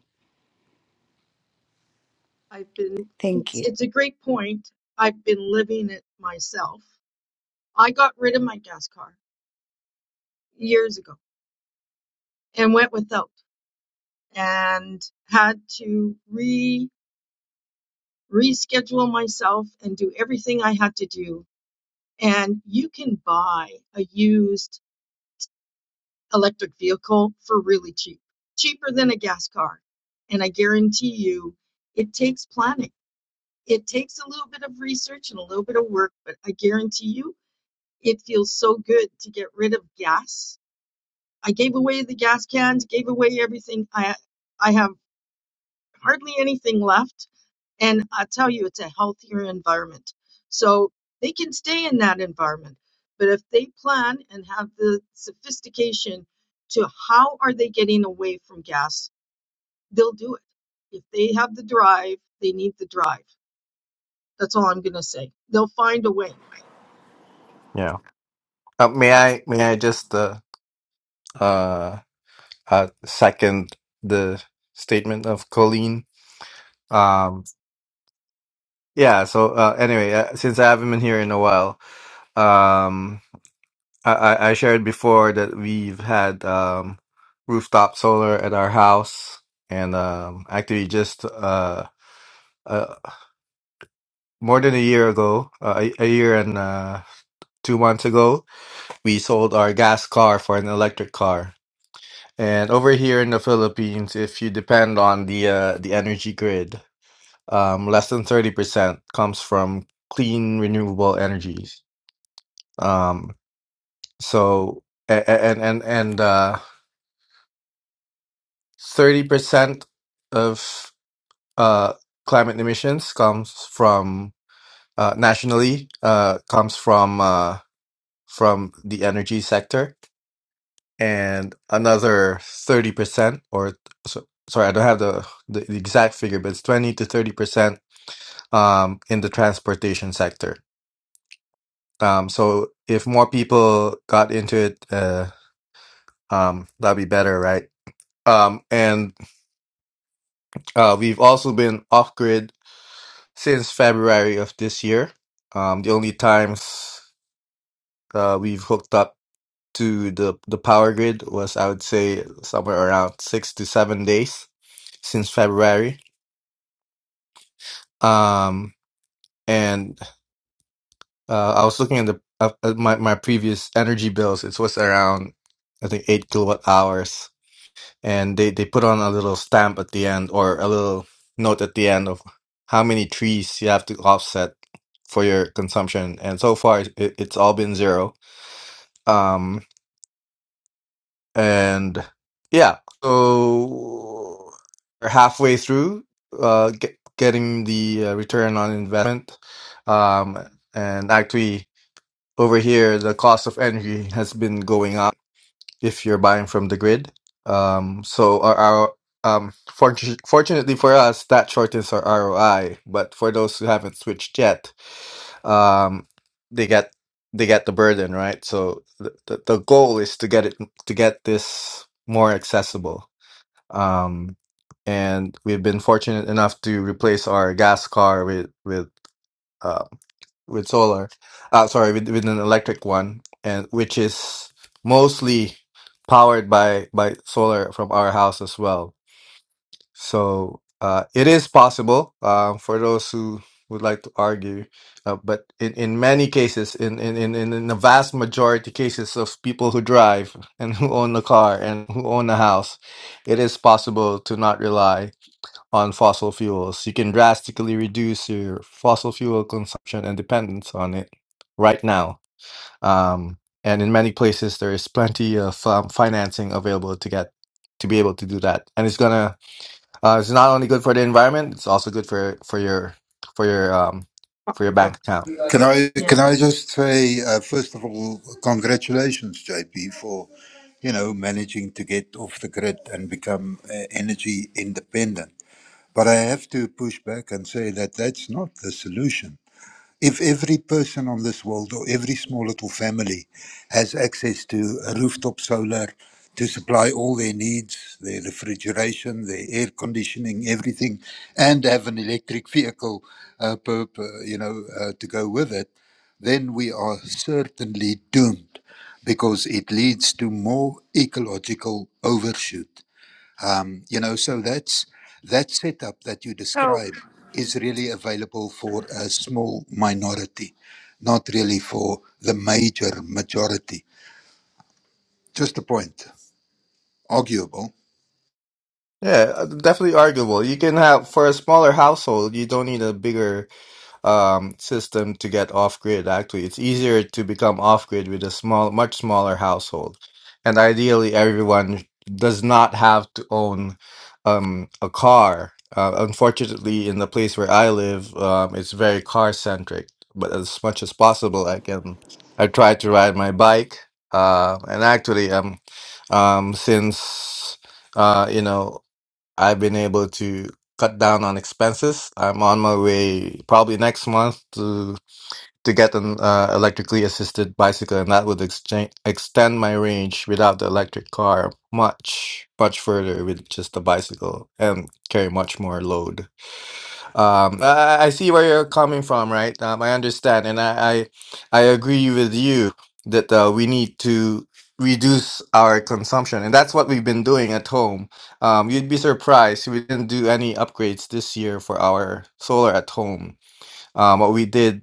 I've been thank it's, you it's a great point. I've been living it myself. I got rid of my gas car years ago and went without and had to re reschedule myself and do everything I had to do. And you can buy a used electric vehicle for really cheap, cheaper than a gas car. And I guarantee you, it takes planning. It takes a little bit of research and a little bit of work, but I guarantee you, it feels so good to get rid of gas. I gave away the gas cans, gave away everything I I have hardly anything left. And I tell you, it's a healthier environment. So they can stay in that environment. But if they plan and have the sophistication to how are they getting away from gas, they'll do it. If they have the drive, they need the drive. That's all I'm going to say. They'll find a way. Yeah. Uh, may Uh, I may I just uh, uh, uh, second the statement of Colleen? Um, yeah. So uh, anyway, uh, since I haven't been here in a while, um, I, I I shared before that we've had um, rooftop solar at our house, and um, actually just uh, uh, more than a year ago, uh, a, a year and uh, two months ago, we sold our gas car for an electric car And over here in the Philippines, if you depend on the uh, the energy grid, um, less than 30% comes from clean renewable energies. Um, so a- a- and and and uh, 30% of uh, climate emissions comes from uh, nationally uh, comes from uh, from the energy sector, and another 30% or so, sorry, I don't have the the, the exact figure, but it's 20 to 30% um, in the transportation sector. Um, so if more people got into it, uh, um, that'd be better, right? Um, and uh, we've also been off grid since February of this year. Um, the only times uh, we've hooked up to the the power grid was, I would say, somewhere around six to seven days since February. Um, and. Uh, I was looking at the uh, at my my previous energy bills. It was around I think eight kilowatt hours, and they they put on a little stamp at the end or a little note at the end of how many trees you have to offset for your consumption. And so far, it, it's all been zero. Um, and yeah, so we're halfway through uh, get, getting the uh, return on investment. Um, and actually. over here the cost of energy has been going up if you're buying from the grid um so our, our um fortu- fortunately for us that shortens our ROI but for those who haven't switched yet um they get they get the burden right so the, the, the goal is to get it to get this more accessible um and we've been fortunate enough to replace our gas car with with uh, with solar. Uh, sorry, with, with an electric one, and which is mostly powered by by solar from our house as well. So uh, it is possible uh, for those who would like to argue, uh, but in, in many cases, in, in in in in the vast majority cases of people who drive and who own a car and who own a house, it is possible to not rely on fossil fuels. You can drastically reduce your fossil fuel consumption and dependence on it right now. Um, and in many places, there is plenty of um, financing available to get to be able to do that. And it's gonna uh, it's not only good for the environment; it's also good for for your for your um, for your bank account. Can I Yeah. can I just say uh, first of all, congratulations, JP, for you know managing to get off the grid and become uh, energy independent. But I have to push back and say that that's not the solution. If every person on this world or every small little family has access to a rooftop solar to supply all their needs, their refrigeration, their air conditioning, everything, and have an electric vehicle, uh, per, per, you know, uh, to go with it, then we are certainly doomed because it leads to more ecological overshoot. Um, you know, so that's that setup that you So describe is really available for a small minority, not really for the major majority. Just a point, arguable. Yeah, uh, definitely arguable. You can have for a smaller household, you don't need a bigger um, system to get off grid. Actually, it's easier to become off grid with a small, much smaller household, and ideally, everyone does not have to own um, a car. Uh, unfortunately, in the place where I live, um, it's very car centric. But as much as possible, I can I try to ride my bike. Uh, and actually, um, um, since uh, you know. I've been able to cut down on expenses. I'm on my way probably next month to to get an uh, electrically assisted bicycle, and that would exchange, extend my range without the electric car much, much further with just a bicycle and carry much more load. Um, I, I see where you're coming from, right? Um, I understand, and I, I, I agree with you that uh, we need to reduce our consumption, and that's what we've been doing at home. Um, you'd be surprised we didn't do any upgrades this year for our solar at home. Um, what we did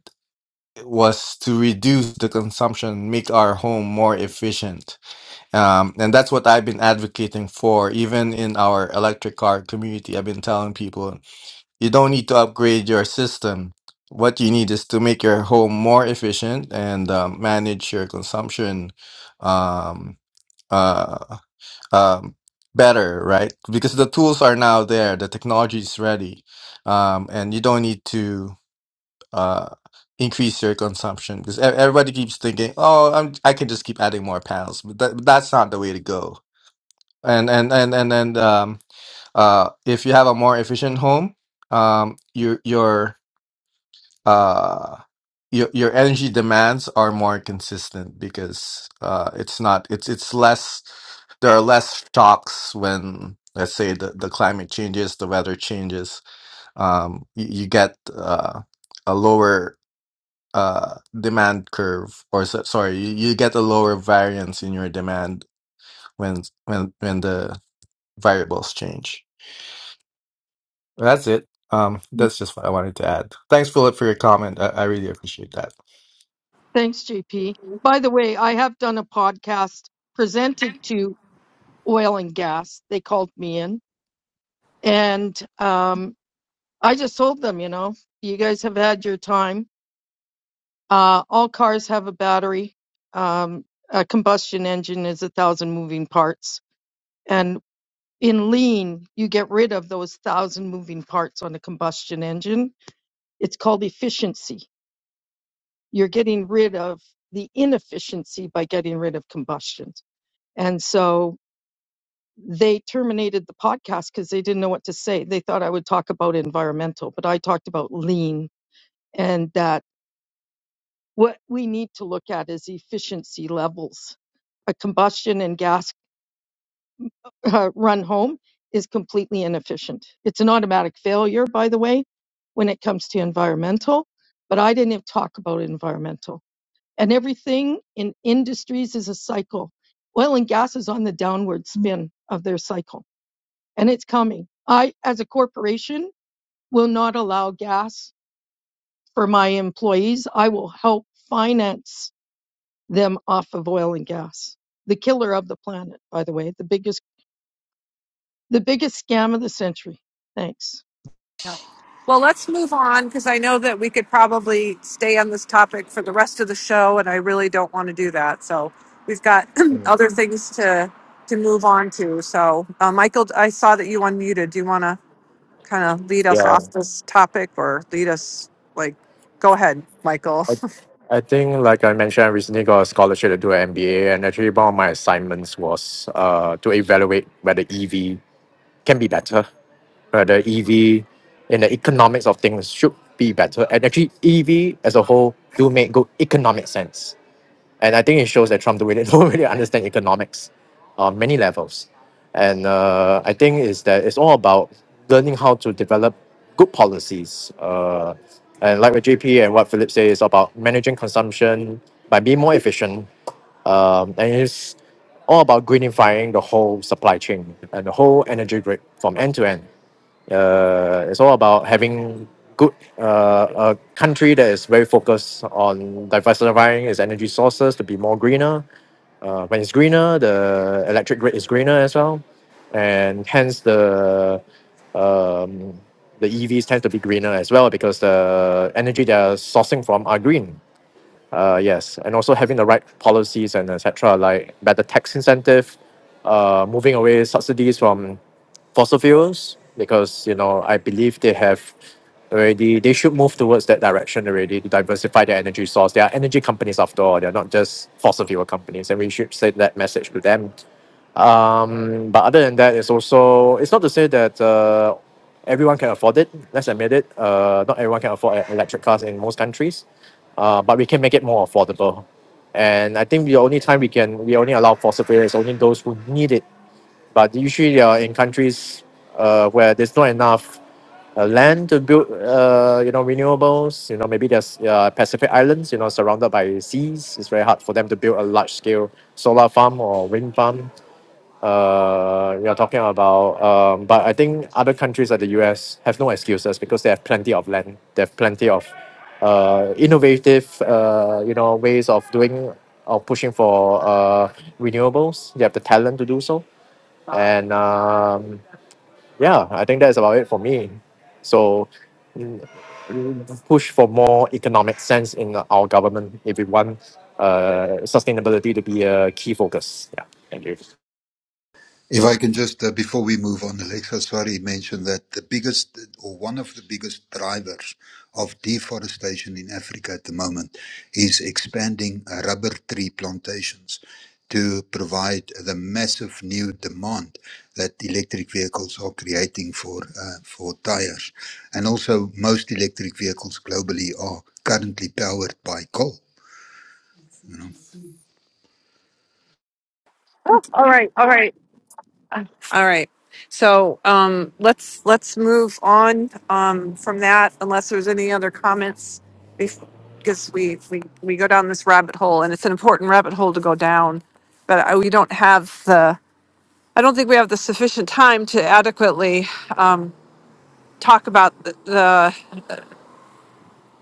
was to reduce the consumption, make our home more efficient, um, and that's what I've been advocating for, even in our electric car community. I've been telling people you don't need to upgrade your system. What you need is to make your home more efficient and um, manage your consumption um, uh, um, better, right? Because the tools are now there, the technology is ready, um, and you don't need to uh, increase your consumption. Because e- everybody keeps thinking, "Oh, I'm, I can just keep adding more panels," but that, that's not the way to go. And and and and and um, uh, if you have a more efficient home, um, your your uh your your energy demands are more consistent because uh it's not it's it's less there are less shocks when let's say the, the climate changes the weather changes um you, you get uh a lower uh demand curve or so, sorry you, you get a lower variance in your demand when when when the variables change That's it. Um, that's just what I wanted to add. Thanks, Philip, for your comment. I, I really appreciate that. Thanks, JP. By the way, I have done a podcast presented to oil and gas. They called me in. And um, I just told them, you know, you guys have had your time. Uh, all cars have a battery. Um, a combustion engine is a thousand moving parts. And in lean, you get rid of those thousand moving parts on a combustion engine. It's called efficiency. You're getting rid of the inefficiency by getting rid of combustion. And so they terminated the podcast because they didn't know what to say. They thought I would talk about environmental, but I talked about lean and that What we need to look at is efficiency levels. A combustion and gas uh, run home is completely inefficient. It's an automatic failure, by the way, when it comes to environmental, but I didn't even talk about environmental. And everything in industries is a cycle. Oil and gas is on the downward spin of their cycle, and it's coming. I, as a corporation, will not allow gas for my employees. I will help finance them off of oil and gas. The killer of the planet, by the way, the biggest the biggest scam of the century. Thanks. Well, let's move on because I know that we could probably stay on this topic for the rest of the show, and I really don't want to do that. So we've got Mm. other things to to move on to. So, uh, Michael, I saw that you unmuted. Do you want to kind of lead us yeah. off this topic or lead us like? Go ahead, Michael. I I think, like I mentioned, I recently got a scholarship to do an MBA, and actually, one of my assignments was uh, to evaluate whether EV can be better, whether EV in the economics of things should be better, and actually, EV as a whole do make good economic sense. And I think it shows that Trump don't really, don't really understand economics on many levels. And uh, I think is that it's all about learning how to develop good policies. Uh, and like what JP and what Philip says it's about managing consumption by being more efficient. Um, and it's all about greenifying the whole supply chain and the whole energy grid from end to end. Uh, it's all about having good uh, a country that is very focused on diversifying its energy sources to be more greener. Uh, when it's greener, the electric grid is greener as well, and hence the um, the EVs tend to be greener as well because the energy they're sourcing from are green. Uh, yes, and also having the right policies and etc. Like better tax incentive, uh, moving away subsidies from fossil fuels because you know I believe they have already they should move towards that direction already to diversify their energy source. They are energy companies after all. They're not just fossil fuel companies, and we should send that message to them um, but other than that, it's also it's not to say that uh, everyone can afford it. Let's admit it. Uh, not everyone can afford e- electric cars in most countries, uh, but we can make it more affordable. And I think the only time we can we only allow fossil fuel is only those who need it. But usually, they are in countries uh, where there's not enough uh, land to build, uh, you know, renewables. You know, maybe there's uh, Pacific Islands, you know, surrounded by seas. It's very hard for them to build a large scale solar farm or wind farm uh you're talking about um but I think other countries like the U_S have no excuses because they have plenty of land they have plenty of uh innovative uh you know ways of doing of pushing for uh renewables they have the talent to do so and um yeah I think that's about it for me so push for more economic sense in our government if we want uh sustainability to be a key focus yeah If I can just, uh, before we move on, Alexa, sorry, mention that the biggest or one of the biggest drivers of deforestation in Africa at the moment is expanding uh, rubber tree plantations to provide the massive new demand that electric vehicles are creating for uh, for tires. And also most electric vehicles globally are currently powered by coal. All right. So um, let's let's move on um, from that, unless there's any other comments, bef- because we, we we go down this rabbit hole, and it's an important rabbit hole to go down. But I, we don't have the. I don't think we have the sufficient time to adequately um, talk about the,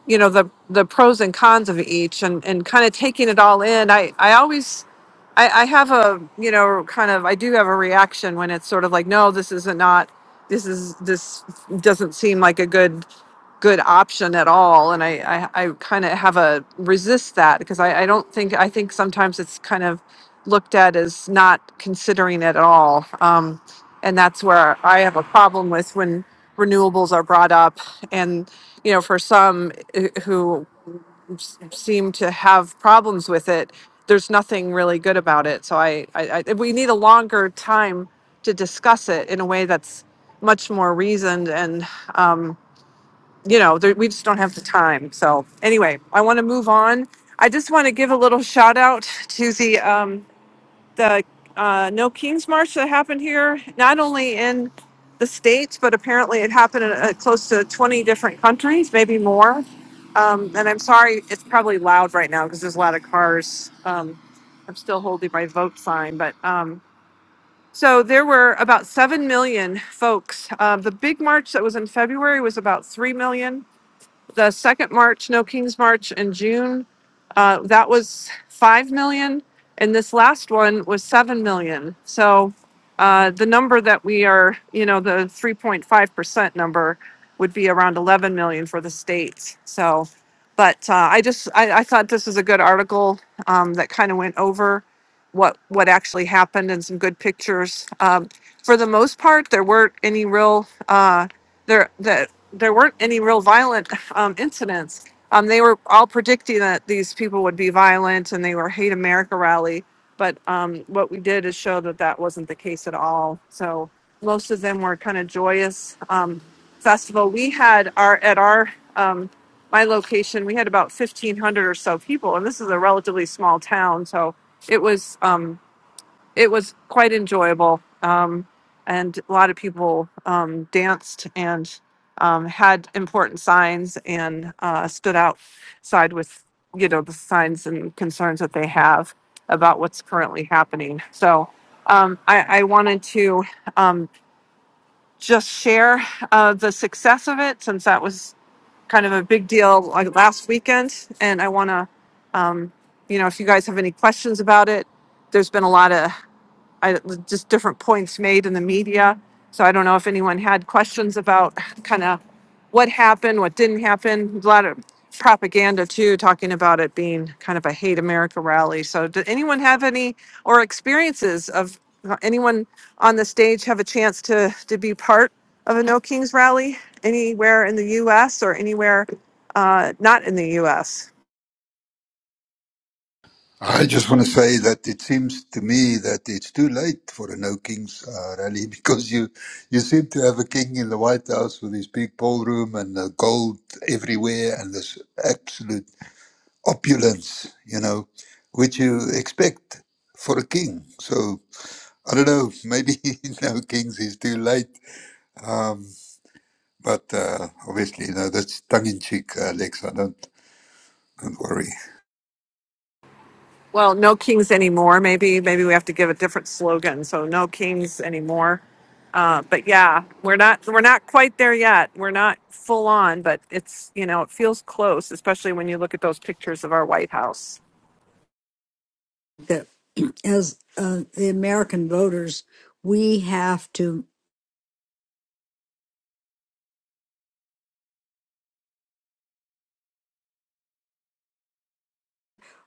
you know the the pros and cons of each and and kind of taking it all in i i always i i have a you know kind of i do have a reaction when it's sort of like no this isn't not this is this doesn't seem like a good good option at all. And I, I, I kind of have a resist that because I, I don't think, I think sometimes it's kind of looked at as not considering it at all. Um, and that's where I have a problem with when renewables are brought up. And, you know, for some eh, who s- seem to have problems with it, there's nothing really good about it. So I, I, I we need a longer time to discuss it in a way that's much more reasoned and um, you know, there, we just don't have the time. So anyway, I want to move on. I just want to give a little shout out to the um, the uh, No Kings March that happened here, not only in the states, but apparently it happened in uh, close to 20 different countries, maybe more. Um, and I'm sorry, it's probably loud right now because there's a lot of cars. Um, I'm still holding my vote sign, but um, so there were about 7 million folks. Uh, the big march that was in February was about 3 million the second March, No King's March in June, uh, that was five million, and this last one was seven million. So uh, the number that we are, you know, the three point five percent number would be around eleven million for the states. So, but uh, I just I, I thought this was a good article um, that kind of went over what what actually happened and some good pictures. Um, for the most part, there weren't any real uh, there that there weren't any real violent enough um, incidents. Um, they were all predicting that these people would be violent and they were hate America rally. But um, what we did is show that that wasn't the case at all. So most of them were kind of joyous um, festival. We had our at our um, my location, we had about fifteen hundred or so people, and this is a relatively small town, so it was. Um, it was quite enjoyable. Um, and a lot of people um, danced and um, had important signs and uh, stood outside with, you know, the signs and concerns that they have about what's currently happening. So um, I, I wanted to um, just share uh, the success of it since that was kind of a big deal like last weekend. And I want to, um, you know, if you guys have any questions about it, there's been a lot of I, just different points made in the media. So I don't know if anyone had questions about kind of what happened, what didn't happen. A lot of propaganda too, talking about it being kind of a hate America rally. So did anyone have any or experiences of uh, anyone on the stage have a chance to to be part of a No Kings rally anywhere in the U.S. or anywhere uh, not in the U.S. I just want to say that it seems to me that it's too late for a no kings uh, rally because you you seem to have a king in the White House with his big ballroom and the gold everywhere and this absolute opulence, you know, which you expect for a king. So I don't know, maybe no kings is too late, um, but uh, obviously, you know, that's tongue in cheek, Alex. I don't don't worry. Well, no kings anymore. Maybe maybe we have to give a different slogan. So no kings anymore. Uh, but yeah, we're not we're not quite there yet. We're not full on, but it's you know it feels close, especially when you look at those pictures of our White House. That as uh, the American voters, we have to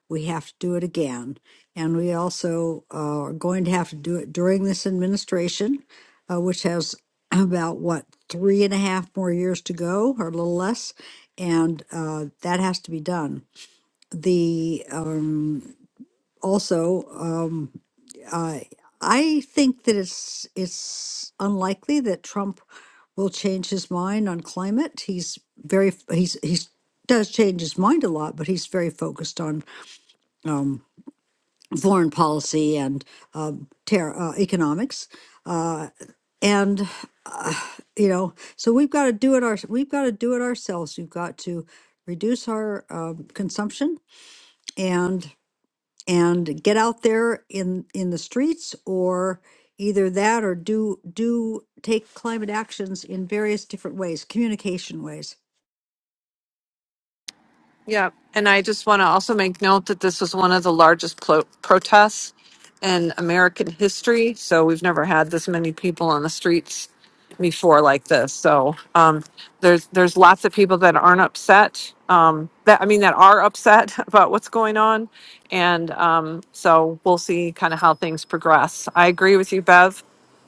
we have to do it again, and we also uh, are going to have to do it during this administration, uh, which has about what three and a half more years to go, or a little less, and uh, that has to be done the um also um I I think that it's it's unlikely that Trump will change his mind on climate. He's very f- he's he's does change his mind a lot, but he's very focused on um, foreign policy and um, ter- uh, economics. Uh, and uh, you know, so we've got to do it our we've got to do it ourselves. We've got to reduce our um, consumption, and and get out there in in the streets or either that or do do take climate actions in various different ways communication ways Yeah, and I just want to also make note that this was one of the largest plo- protests in American history. So we've never had this many people on the streets before like this. So um, there's there's lots of people that aren't upset. Um, that I mean, that are upset about what's going on, and um, so we'll see kind of how things progress. I agree with you, Bev.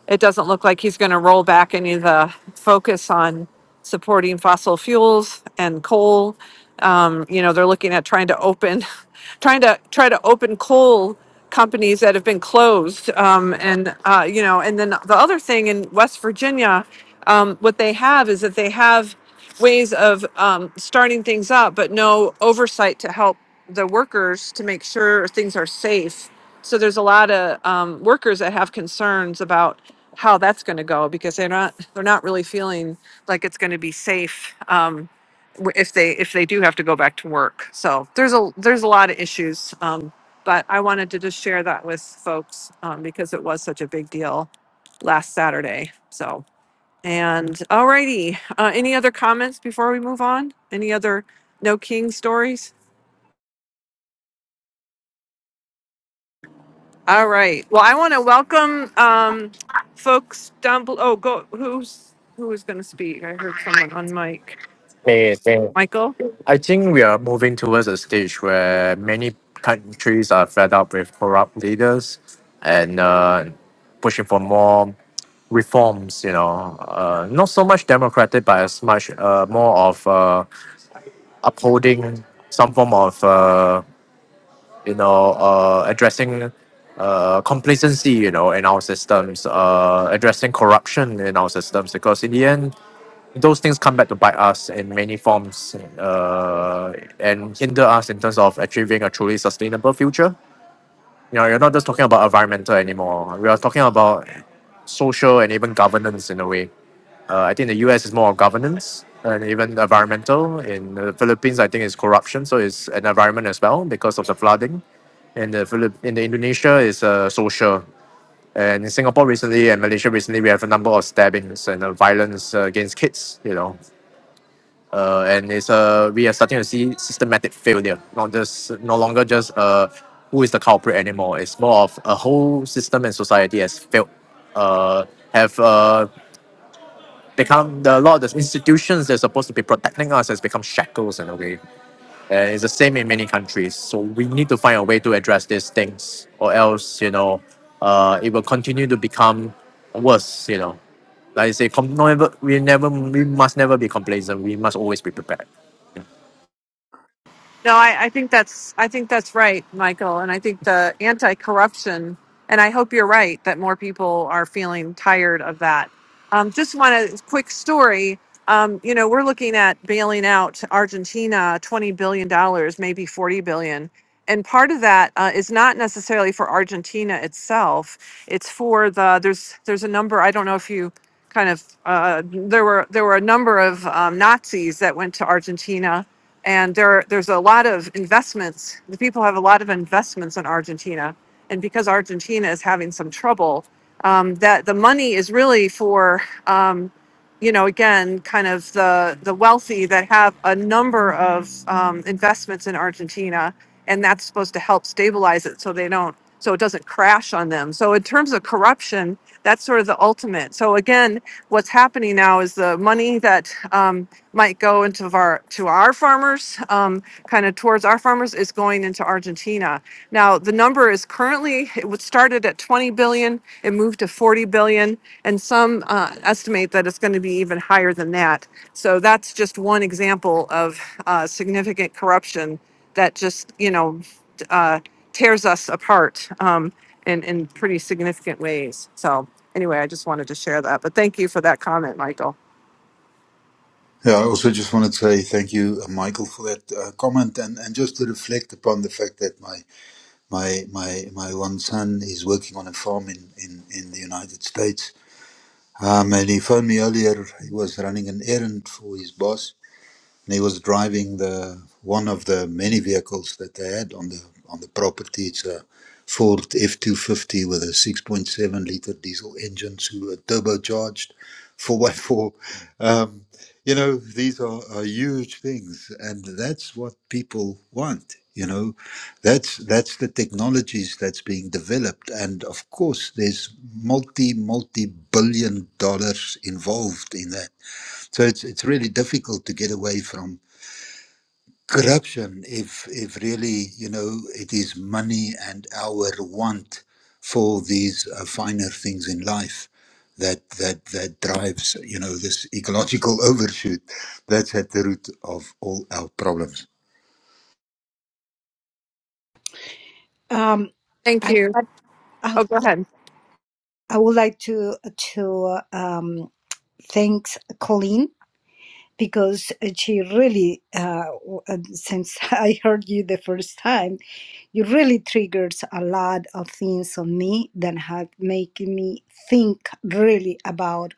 It doesn't look like he's going to roll back any of the focus on supporting fossil fuels and coal um, you know, they're looking at trying to open, trying to try to open coal companies that have been closed. Um, and uh, you know, and then the other thing in West Virginia, um, what they have is that they have ways of um, starting things up, but no oversight to help the workers to make sure things are safe. So there's a lot of um, workers that have concerns about how that's going to go because they're not they're not really feeling like it's going to be safe. Um, w- if they if they do have to go back to work. So there's a there's a lot of issues, um, but I wanted to just share that with folks um, because it was such a big deal last Saturday. So and alrighty, uh, any other comments before we move on? Any other no king stories? All right. Well, I want to welcome um, folks down below. Oh, go who's who is going to speak? I heard someone on mic. 对对 Michael. I think we are moving towards a stage where many countries are fed up with corrupt leaders and uh, pushing for more reforms, you know, uh, not so much democratic, but as much uh, more of uh, upholding some form of, uh, you know, uh, addressing uh, complacency, you know, in our systems, uh, addressing corruption in our systems, because in the end, those things come back to bite us in many forms uh, and hinder us in terms of achieving a truly sustainable future. You know, you're not just talking about environmental anymore. We are talking about social and even governance in a way. Uh, I think the US is more of governance and even environmental. In the Philippines, I think it's corruption, so it's an environment as well because of the flooding. In the Philip, in the Indonesia, is uh, social. And in Singapore recently and Malaysia recently, we have a number of stabbings and uh, violence uh, against kids. You know, uh, and it's uh, we are starting to see systematic failure, not just no longer just uh, who is the culprit anymore. It's more of a whole system and society has failed, uh, have uh, become the, a lot of the institutions that's supposed to be protecting us has become shackles in a way. And it's the same in many countries. So we need to find a way to address these things, or else you know, uh, it will continue to become worse. You know, like I say, com- never, we never, we must never be complacent. We must always be prepared. No, I, I think that's I think that's right, Michael. And I think the anti-corruption, and I hope you're right that more people are feeling tired of that. Um, just want a quick story. Um, you know, we're looking at bailing out Argentina twenty billion dollars, maybe forty billion, and part of that uh, is not necessarily for Argentina itself. It's for the there's there's a number I don't know if you kind of uh, there were there were a number of um, Nazis that went to Argentina and there there's a lot of investments. The people have a lot of investments in Argentina, and because Argentina is having some trouble, um, that the money is really for. Um, you know, again, kind of the the wealthy that have a number of um, investments in Argentina, and that's supposed to help stabilize it so they don't so it doesn't crash on them. So in terms of corruption, that's sort of the ultimate. So again, what's happening now is the money that um, might go into our to our farmers, um, kind of towards our farmers, is going into Argentina. Now, the number is currently, it was started at 20 billion, it moved to 40 billion, and some uh, estimate that it's going to be even higher than that. So that's just one example of uh, significant corruption that just, you know, uh, tears us apart um, in, in pretty significant ways. So anyway, I just wanted to share that. But thank you for that comment, Michael. Yeah, I also just wanted to say thank you, uh, Michael, for that uh, comment, and, and just to reflect upon the fact that my my my my one son is working on a farm in in, in the United States. Um, and he phoned me earlier. He was running an errand for his boss, and he was driving the one of the many vehicles that they had on the on the property. It's a Ford F two fifty with a six point seven liter diesel engine, so a turbocharged four by four. Um, you know, these are, are huge things, and that's what people want. You know, that's that's the technologies that's being developed, and of course, there's multi multi billion dollars involved in that. So it's it's really difficult to get away from corruption if if really you know it is money and our want for these uh, finer things in life that that that drives you know this ecological overshoot that's at the root of all our problems um Thank i would you. like- Oh, go ahead. I would like to to um, thank Colleen because she really, uh, since I heard you the first time, you really triggers a lot of things on me that have made me think really about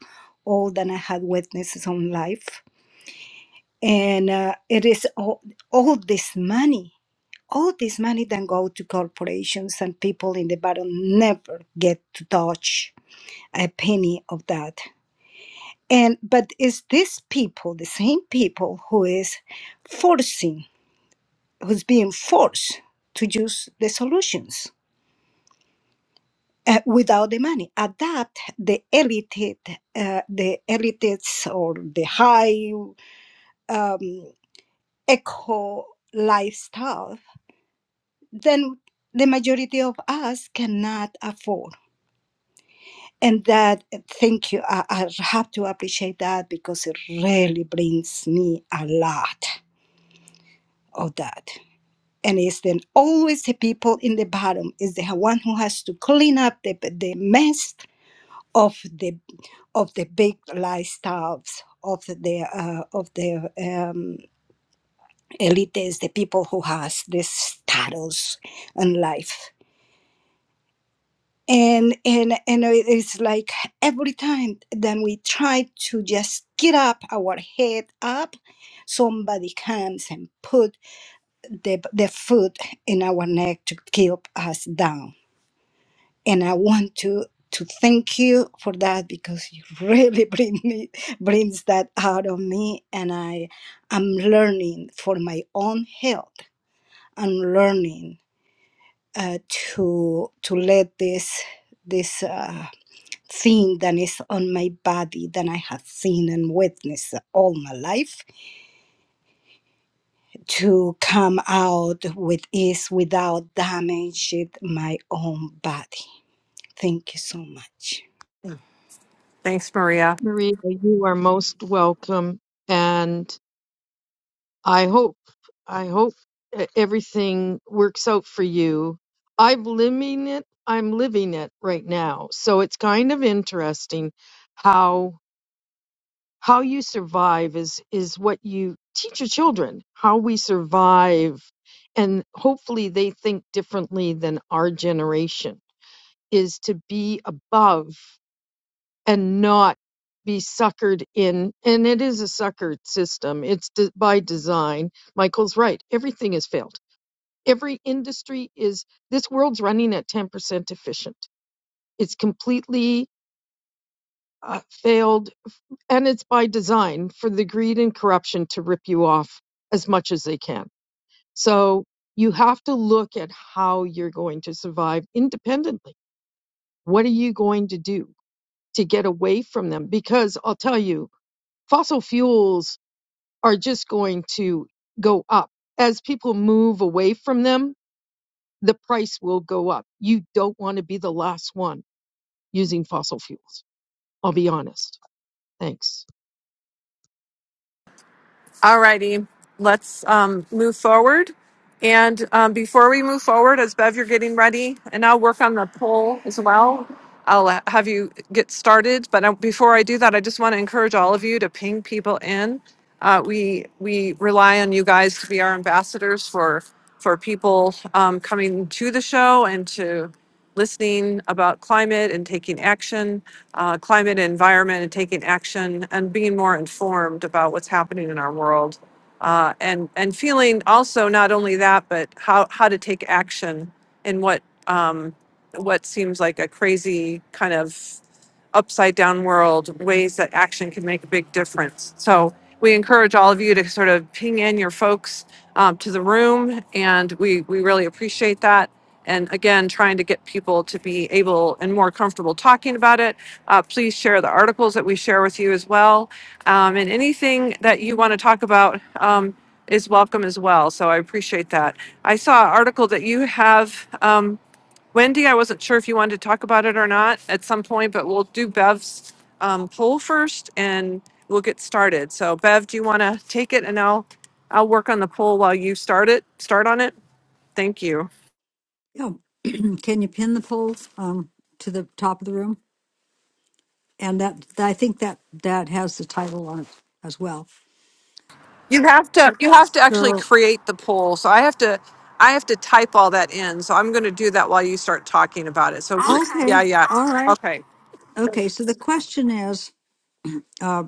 all that I had witnessed on life. And uh, it is all, all this money, all this money that go to corporations and people in the bottom never get to touch a penny of that and but it's these people the same people who is forcing who's being forced to use the solutions uh, without the money adapt the elite uh, the elites or the high um, eco lifestyle then the majority of us cannot afford and that thank you I, I have to appreciate that because it really brings me a lot of that and it's then always the people in the bottom is the one who has to clean up the, the mess of the of the big lifestyles of the uh, of the um, elites, the people who has this status in life, and and and it's like every time then we try to just get up our head up, somebody comes and put the the foot in our neck to keep us down and I want to to thank you for that because you really bring me brings that out of me, and I am learning for my own health. I'm learning uh, to to let this this uh, thing that is on my body that I have seen and witnessed all my life to come out with ease without damaging my own body. Thank you so much. Thanks, Maria. Maria, you are most welcome and I hope I hope e- everything works out for you. I'm living it. I'm living it right now. So it's kind of interesting how how you survive is is what you teach your children how we survive and hopefully they think differently than our generation is to be above and not be suckered in and it is a suckered system it's de- by design michael's right everything has failed every industry is this world's running at 10% efficient it's completely uh, failed and it's by design for the greed and corruption to rip you off as much as they can. So you have to look at how you're going to survive independently. What are you going to do to get away from them? Because I'll tell you, fossil fuels are just going to go up. As people move away from them, the price will go up. You don't want to be the last one using fossil fuels. I'll be honest. Thanks. All righty, let's um, move forward. And um, before we move forward, as Bev, you're getting ready, and I'll work on the poll as well. I'll uh, have you get started. But uh, before I do that, I just want to encourage all of you to ping people in. Uh, we we rely on you guys to be our ambassadors for for people um, coming to the show and to listening about climate and taking action, uh, climate and environment and taking action, and being more informed about what's happening in our world. Uh, and, and feeling also not only that, but how, how to take action in what, um, what seems like a crazy kind of upside down world, ways that action can make a big difference. So we encourage all of you to sort of ping in your folks um, to the room, and we, we really appreciate that and again, trying to get people to be able and more comfortable talking about it. Uh, please share the articles that we share with you as well. Um, and anything that you want to talk about um, is welcome as well. So I appreciate that. I saw an article that you have, um, Wendy. I wasn't sure if you wanted to talk about it or not at some point, but we'll do Bev's um, poll first and we'll get started. So, Bev, do you want to take it and I'll I'll work on the poll while you start it. Start on it. Thank you. yeah can you pin the polls um to the top of the room and that i think that that has the title on it as well You have to you have to actually so create the poll. So I have to I have to type all that in. So I'm going to do that while you start talking about it. So if you're- Okay. yeah, okay yeah. all right Okay. okay so the question is uh,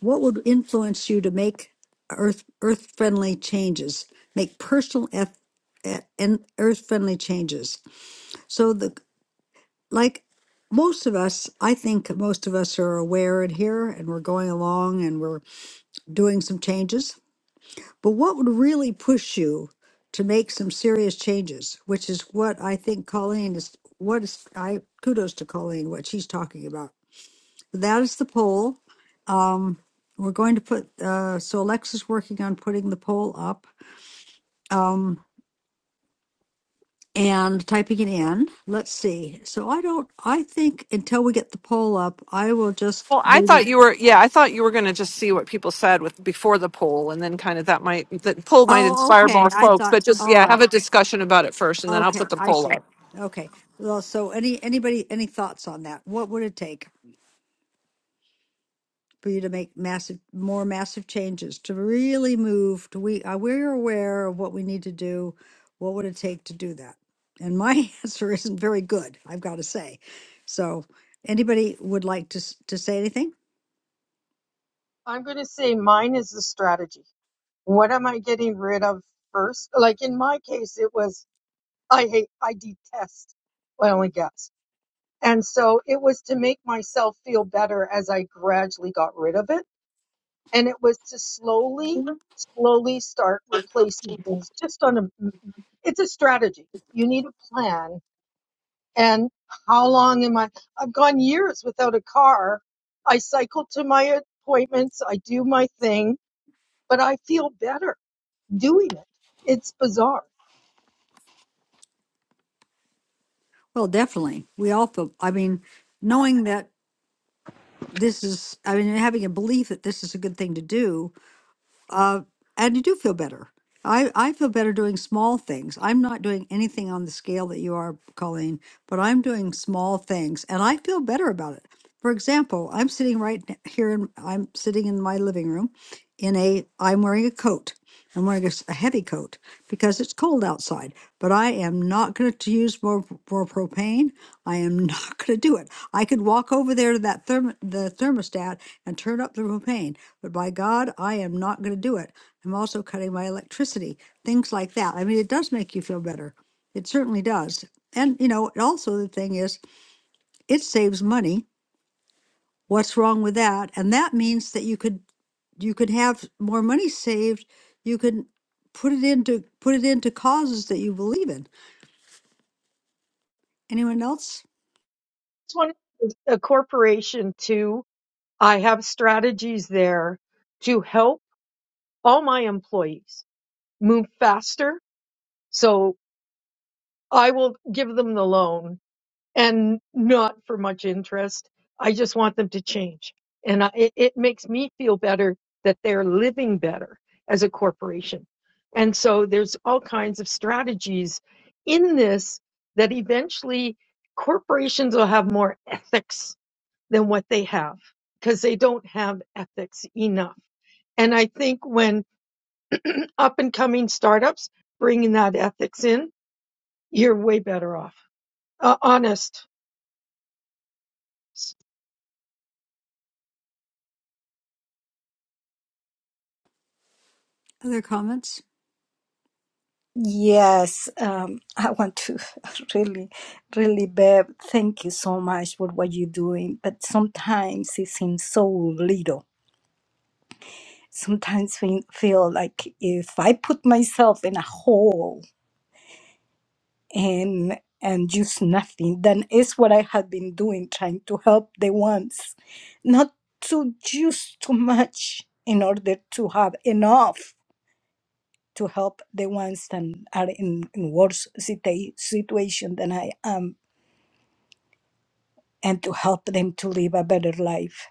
What would influence you to make earth earth friendly changes? Make personal eff, e- and earth friendly changes. So the like most of us, I think most of us are aware and here, and we're going along and we're doing some changes. But what would really push you to make some serious changes? Which is what I think Colleen is. What is I kudos to Colleen what she's talking about. That is the poll. we're going to put uh, so alexa's working on putting the poll up um, and typing it in let's see so i don't i think until we get the poll up i will just Well, I maybe thought you were yeah, I thought you were going to just see what people said with before the poll and then kind of that might the poll might oh inspire okay more i folks, thought but just all yeah, have right a discussion about it first and then I'll okay put the i poll see up. okay well so any anybody any thoughts on that what would it take for you to make massive, more massive changes to really move to we are we're aware of what we need to do. What would it take to do that? And my answer isn't very good, I've got to say. So, anybody would like to s- to say anything? I'm going to say mine is the strategy. What am I getting rid of first? Like in my case, it was I hate, I detest oil and gas. And so it was to make myself feel better as I gradually got rid of it. And it was to slowly, slowly start replacing things just on a, it's a strategy. You need a plan. And how long am I? I've gone years without a car. I cycle to my appointments. I do my thing but I feel better doing it. It's bizarre. Well, definitely. We all feel. I mean, knowing that this is. I mean, having a belief that this is a good thing to do Uh, and you do feel better. I, I feel better doing small things. I'm not doing anything on the scale that you are, Colleen, but I'm doing small things and I feel better about it. For example, I'm sitting right n- here and I'm sitting in my living room in a, I'm wearing a coat. I'm wearing a, s- a heavy coat because it's cold outside, but I am not going to use more, p- more propane. I am not going to do it. I could walk over there to that therm, the thermostat and turn up the propane but by God, I am not going to do it. I'm also cutting my electricity, things like that. I mean, it does make you feel better. It certainly does. And, you know, also the thing is, it saves money. What's wrong with that? And that means that you could you could have more money saved. You could put it into put it into causes that you believe in. Anyone else? It's one of a corporation too. I have strategies there to help all my employees move faster. So I will give them the loan and not for much interest. I just want them to change. And I, it, it makes me feel better that they're living better as a corporation. And so there's all kinds of strategies in this that eventually corporations will have more ethics than what they have because they don't have ethics enough. And I think when up and coming startups bringing that ethics in, you're way better off. Uh, honest. Other comments? Yes, um, I want to really, really, Bev, thank you so much for what you're doing. But sometimes it seems so little. Sometimes we feel like if I put myself in a hole and and just nothing, then it's what I have been doing, trying to help the ones, not to use too much in order to have enough to help the ones that are in, in worse situa- situation than I am and to help them to live a better life.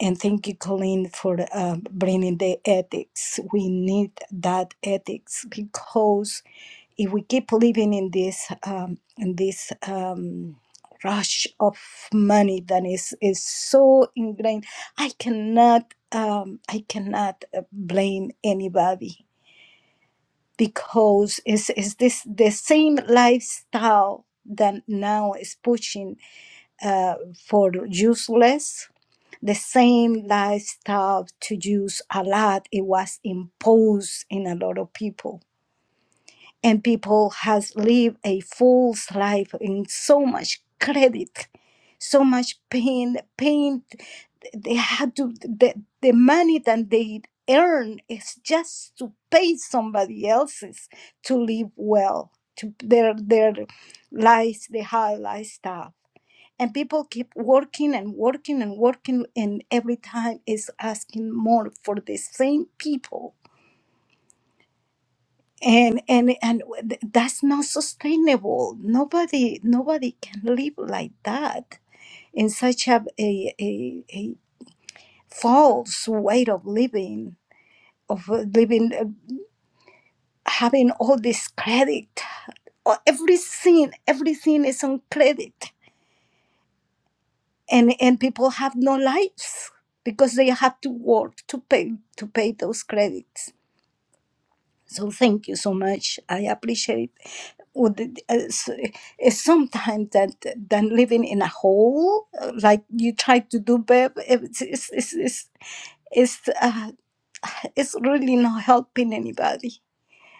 And thank you, Colleen, for uh, bringing the ethics. We need that ethics because if we keep living in this um, in this um, rush of money that is is so ingrained, I cannot um, I cannot uh, blame anybody because it's, it's this the same lifestyle that now is pushing uh, for useless the same lifestyle to use a lot it was imposed in a lot of people and people has lived a false life in so much credit so much pain pain they had to the, the money that they earn is just to pay somebody else's to live well to their their lives the high lifestyle and people keep working and working and working and every time is asking more for the same people and and and th- that's not sustainable nobody nobody can live like that in such a a, a, a false way of living of uh, living uh, having all this credit Uh, everything everything is on credit and and people have no lives because they have to work to pay to pay those credits so thank you so much i appreciate what the- uh, s- uh, sometimes that than living in a hole uh, like you try to do babe, it's it's it's it's it's, uh, it's really not helping anybody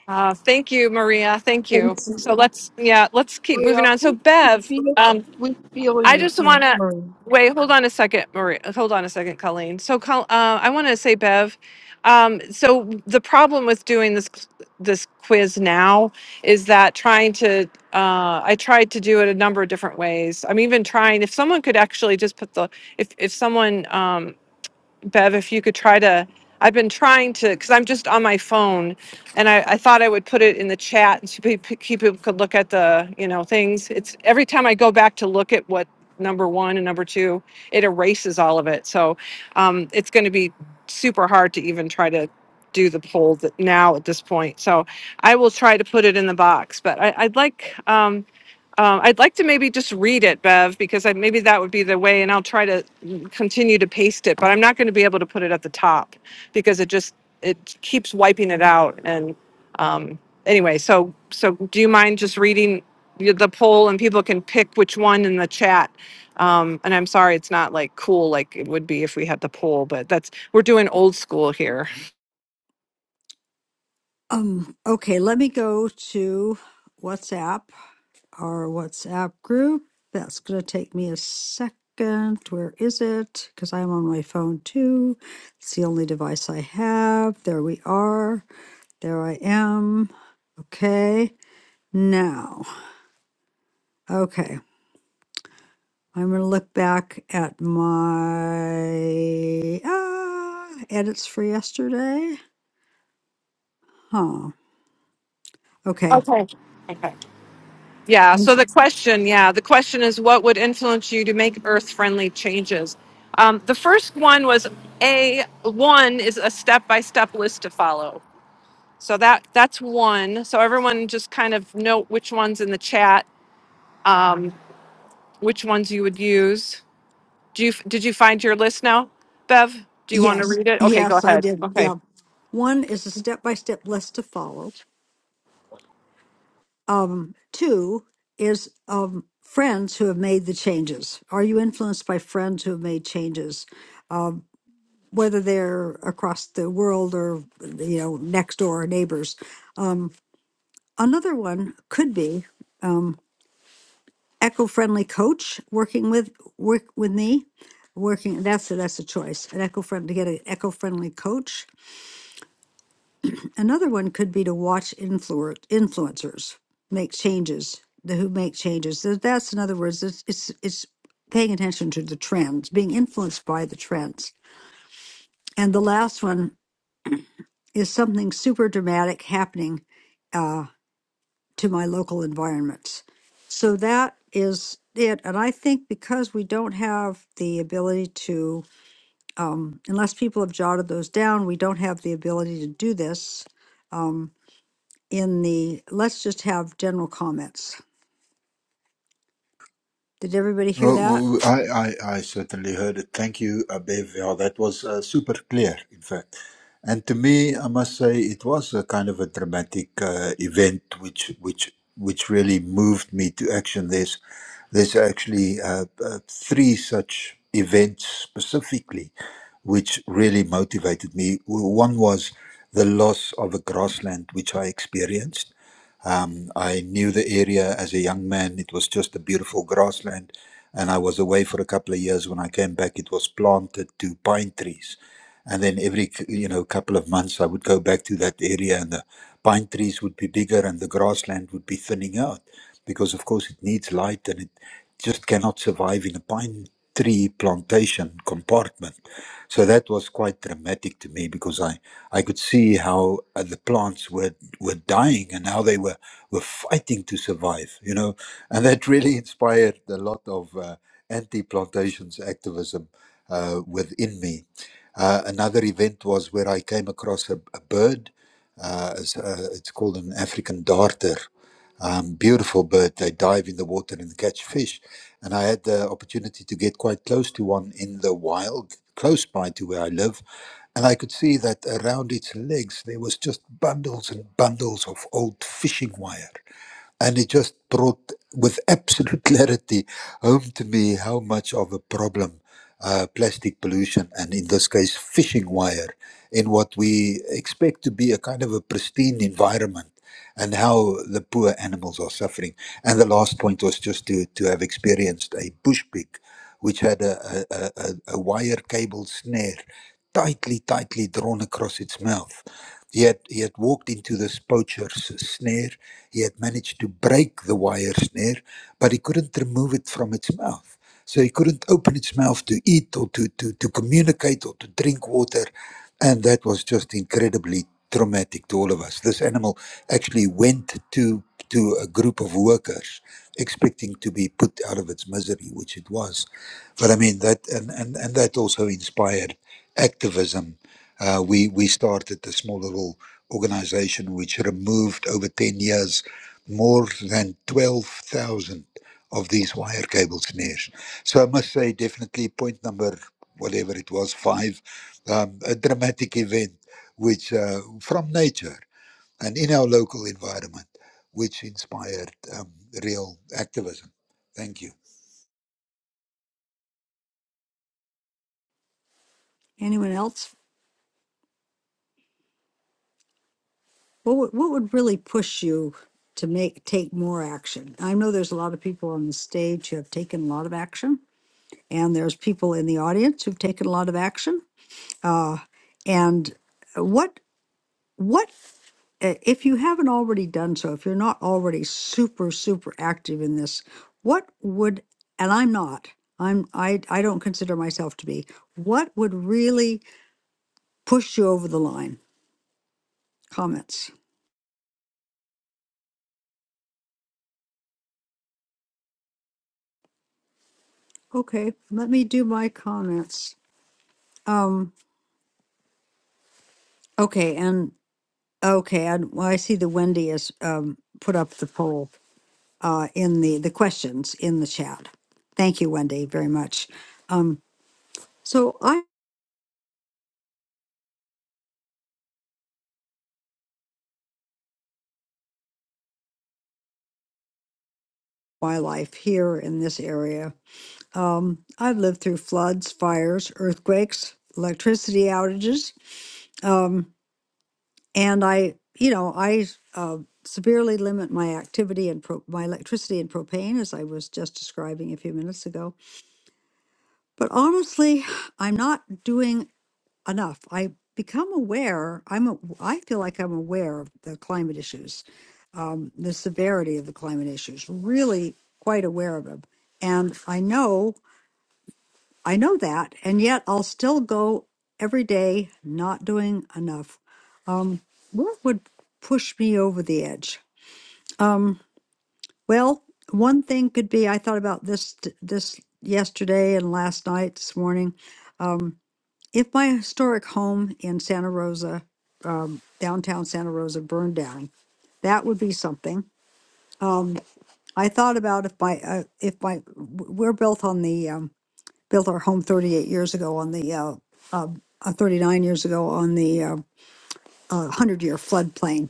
Uh, thank you, Maria. Thank you. So let's yeah, let's keep Maria. moving on. So We Bev, feel it. um, We feel I you, just Ma- want to Maria. wait. Hold on a second, Maria. Hold on a second, Colleen. So, Col- uh, I want to say, Bev. Um, so the problem with doing this this quiz now is that trying to uh, I tried to do it a number of different ways. I'm even trying if someone could actually just put the if if someone um, Bev, if you could try to, I've been trying to, because I'm just on my phone, and I, I thought I would put it in the chat and so pe- people could look at the, you know, things. It's every time I go back to look at what number one and number two, it erases all of it. So um, it's going to be super hard to even try to do the poll that now at this point. So I will try to put it in the box, but I, I'd like. um, um, I'd like to maybe just read it, Bev, because I, maybe that would be the way, and I'll try to continue to paste it. But I'm not going to be able to put it at the top because it just it keeps wiping it out. And um, anyway, so so do you mind just reading the the poll and people can pick which one in the chat? Um, and I'm sorry, it's not like cool like it would be if we had the poll, but that's we're doing old school here. Um, okay, let me go to WhatsApp our WhatsApp group. That's going to take me a second. Where is it? Because I'm on my phone too. It's the only device I have. There we are. There I am. Okay. Now, okay. I'm going to look back at my ah, edits for yesterday. Huh. Okay. Okay. Okay. Yeah. So the question, yeah, the question is what would influence you to make earth friendly changes? Um, the first one was a one is a step by step list to follow. So that that's one. So everyone just kind of note which ones in the chat, um, which ones you would use. Do you did you find your list now, Bev? Do you want to Yes. read it? Okay, go Yes, I ahead. did. Okay. Yeah. One is a step by step list to follow. Um, two is um, friends who have made the changes. Are you influenced by friends who have made changes, whether they're across the world or you know next door neighbors? Um, another one could be um, eco-friendly coach working with work with me, working. That's a, that's a choice. An eco friend to get an eco-friendly coach Another one could be to watch influ influencers make changes, the who make changes. So that's in other words, it's, it's it's paying attention to the trends, being influenced by the trends. And the last one is something super dramatic happening uh, to my local environments. So that is it. And I think because we don't have the ability to, um, unless people have jotted those down, we don't have the ability to do this. Um, in the, let's just have general comments. Did everybody hear that? Oh, oh, I, I, I certainly heard it. Thank you, Abevia. That was uh, super clear, in fact. And to me, I must say, it was a kind of a dramatic uh, event, which which which really moved me to action. There's there's actually uh, uh, three such events specifically, which really motivated me. W- One was the loss of a grassland, which I experienced. Um, I knew the area as a young man. It was just a beautiful grassland. And I was away for a couple of years. When I came back, it was planted to pine trees. And then every, c- you know, couple of months, I would go back to that area and the pine trees would be bigger and the grassland would be thinning out because, of course, it needs light and it just cannot survive in a pine tree plantation compartment. So that was quite dramatic to me because I, I could see how uh, the plants were, were dying and how they were, were fighting to survive, you know. And that really inspired a lot of uh, anti plantations activism uh, within me. Uh, another event was where I came across a, a bird. Uh, it's, uh, it's called an African darter um, beautiful bird. They dive in the water and catch fish. And I had the opportunity to get quite close to one in the wild, close by to where I live. And I could see that around its legs there was just bundles and bundles of old fishing wire. And it just brought with absolute clarity home to me how much of a problem uh, plastic pollution, and in this case, fishing wire, in what we expect to be a kind of a pristine environment and how the poor animals are suffering. And the last point was just to, to have experienced a bush pig, which had a, a, a, a wire cable snare tightly, tightly drawn across its mouth. He had, he had walked into this poacher's snare. He had managed to break the wire snare, but he couldn't remove it from its mouth. So he couldn't open its mouth to eat or to, to, to communicate or to drink water. And that was just incredibly traumatic to all of us. This animal actually went to to a group of workers expecting to be put out of its misery, which it was. But I mean that and, and, and that also inspired activism. Uh, we we started a small little organization which removed over ten years more than twelve thousand of these wire cable snares. So I must say, definitely point number whatever it was five, um, a dramatic event which uh, from nature and in our local environment, which inspired um, real activism. Thank you. Anyone else? What would, what would really push you to make, take more action? I know there's a lot of people on the stage who have taken a lot of action, and there's people in the audience who've taken a lot of action. Uh, and what What, i- if you haven't already done so, if you're not already super, super active in this, what would, and I'm not, I'm, I, I don't consider myself to be, what would really push you over the line? Comments. Okay, let me do my comments. Um, okay, and, okay, and well, I see the Wendy has, um, put up the poll, uh, in the, the questions in the chat. Thank you, Wendy, very much. Um, so wildlife here in this area. Um, I've lived through floods, fires, earthquakes, electricity outages, um, and I, you know, I uh, severely limit my activity and pro- my electricity and propane, as I was just describing a few minutes ago. But honestly, I'm not doing enough. I become aware. I'm. A, I feel like I'm aware of the climate issues, um, the severity of the climate issues. Really, quite aware of them. And I know I know that, and yet I'll still go every day not doing enough. Um, what would push me over the edge? Um, well, one thing could be I thought about this t- this yesterday and last night, this morning. Um, if my historic home in Santa Rosa, um, downtown Santa Rosa, burned down, that would be something. I thought about if my uh, if my w- we're built on the um, built our home 38 years ago on the, uh, uh, uh, 39 years ago on the uh, uh, 100 year floodplain.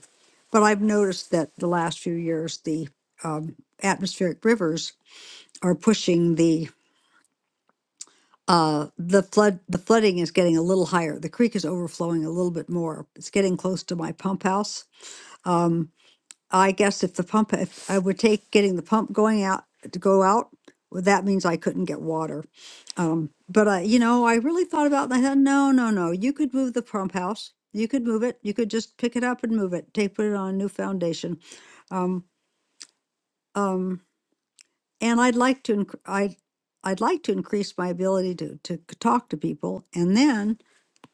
But I've noticed that the last few years, the um, atmospheric rivers are pushing the uh, the flood. The flooding is getting a little higher. The creek is overflowing a little bit more. It's getting close to my pump house. Um, I guess if the pump, if I would take getting the pump going out to go out, well, that means I couldn't get water. Um, but I, you know, I really thought about it and I thought, no, no, no, you could move the pump house. You could move it. You could just pick it up and move it. Take, put it on a new foundation. Um, um, and I'd like to, inc- I, I'd like to increase my ability to, to c- talk to people. And then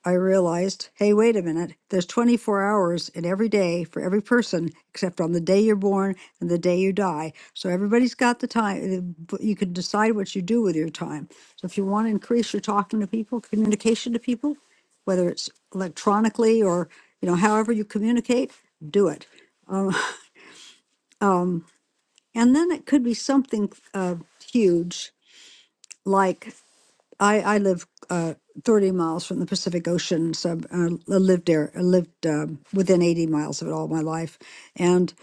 I realized, hey, wait a minute, there's 24 hours in every day for every person except on the day you're born and the day you die. So everybody's got the time. uh, You can decide what you do with your time. So if you want to increase your talking to people, communication to people, whether it's electronically or you know however you communicate, do it. Um, um, and then it could be something uh, huge like I I live uh, 30 miles from the Pacific Ocean, so I I lived there. I lived um, within 80 miles of it all my life, and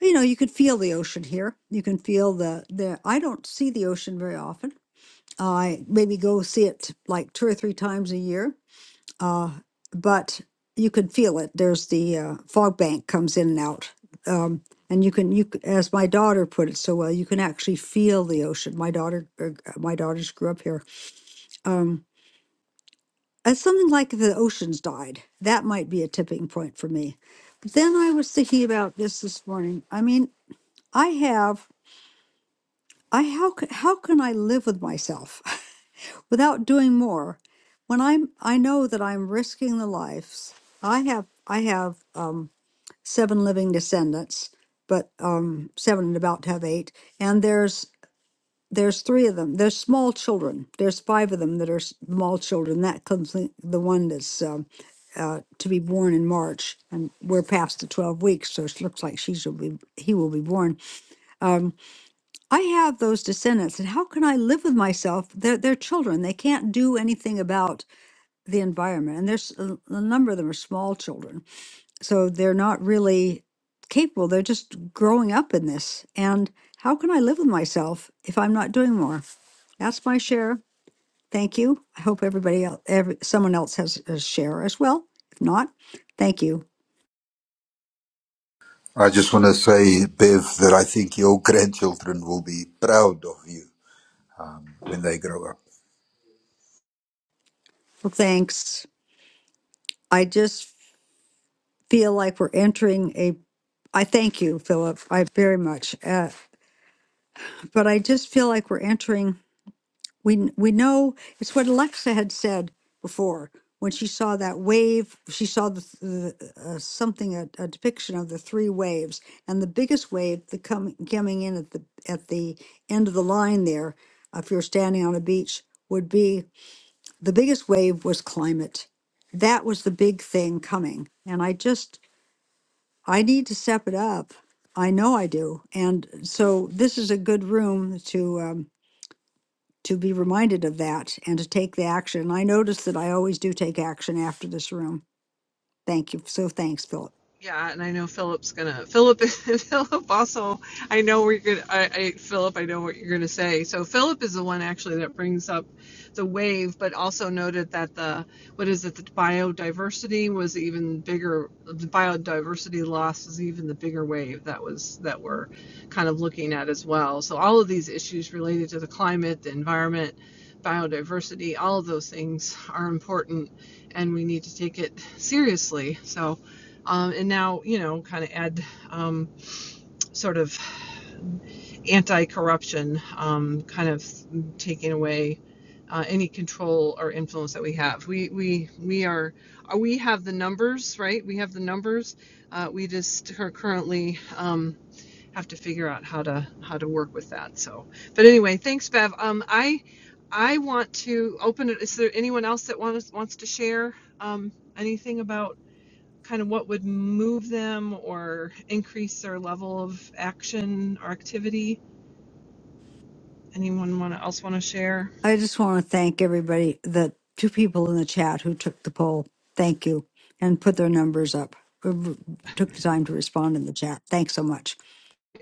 you know you could feel the ocean here. You can feel the the. I don't see the ocean very often. I maybe go see it like two or three times a year, uh, but you can feel it. There's the uh, fog bank comes in and out. Um, and you can you c- as my daughter put it so well you can actually feel the ocean my daughter uh, my daughters grew up here Um. Uh, something like if the oceans died, that might be a tipping point for me. But then I was thinking about this this morning. I mean, I have, I how c- how can I live with myself without doing more when I'm I know that I'm risking the lives. I have I have um, seven living descendants, but um, seven and about to have eight, and there's There's three of them. There's small children. There's five of them that are small children. That comes in- the one that's um, uh, to be born in March, and we're past the twelve weeks, so it looks like she shall be. He will be born. Um, I have those descendants, and how can I live with myself? They're they're children. They can't do anything about the environment, and there's a, a number of them are small children, so they're not really capable. They're just growing up in this, and how can I live with myself if I'm not doing more? That's my share. Thank you. I hope everybody else, every, someone else has a share as well. If not, thank you. I just want to say, Bev, that I think your grandchildren will be proud of you um, when they grow up. Well, thanks. I just feel like we're entering a, I thank you, Philip, I very much. Uh, but I just feel like we're entering We kn- we know it's what Alexa had said before when she saw that wave. She saw the, th- the uh, something a, a depiction of the three waves, and the biggest wave the coming coming in at the at the end of the line there. If you're standing on a beach, would be the biggest wave was climate. That was the big thing coming, and I just I need to step it up. I know I do, and so this is a good room to. Um, to be reminded of that and to take the action. I notice that I always do take action after this room. Thank you. So thanks, Philip. Yeah, and I know Philip's gonna. Philip, Philip also. I know we're gonna. I, I Philip, I know what you're gonna say. So Philip is the one actually that brings up the wave, but also noted that the what is it? The biodiversity was even bigger. The biodiversity loss is even the bigger wave that was that we're kind of looking at as well. So all of these issues related to the climate, the environment, biodiversity, all of those things are important, and we need to take it seriously. So um, and now you know kind of add um, sort of anti-corruption um, kind of taking away uh, any control or influence that we have we we we are uh, we have the numbers right we have the numbers uh, we just are currently um, have to figure out how to how to work with that so but anyway thanks bev um, i i want to open it is there anyone else that wants wants to share um, anything about kind of what would move them or increase their level of action or activity. Anyone want else want to share? I just want to thank everybody, the two people in the chat who took the poll. Thank you. And put their numbers up. who Took the time to respond in the chat. Thanks so much.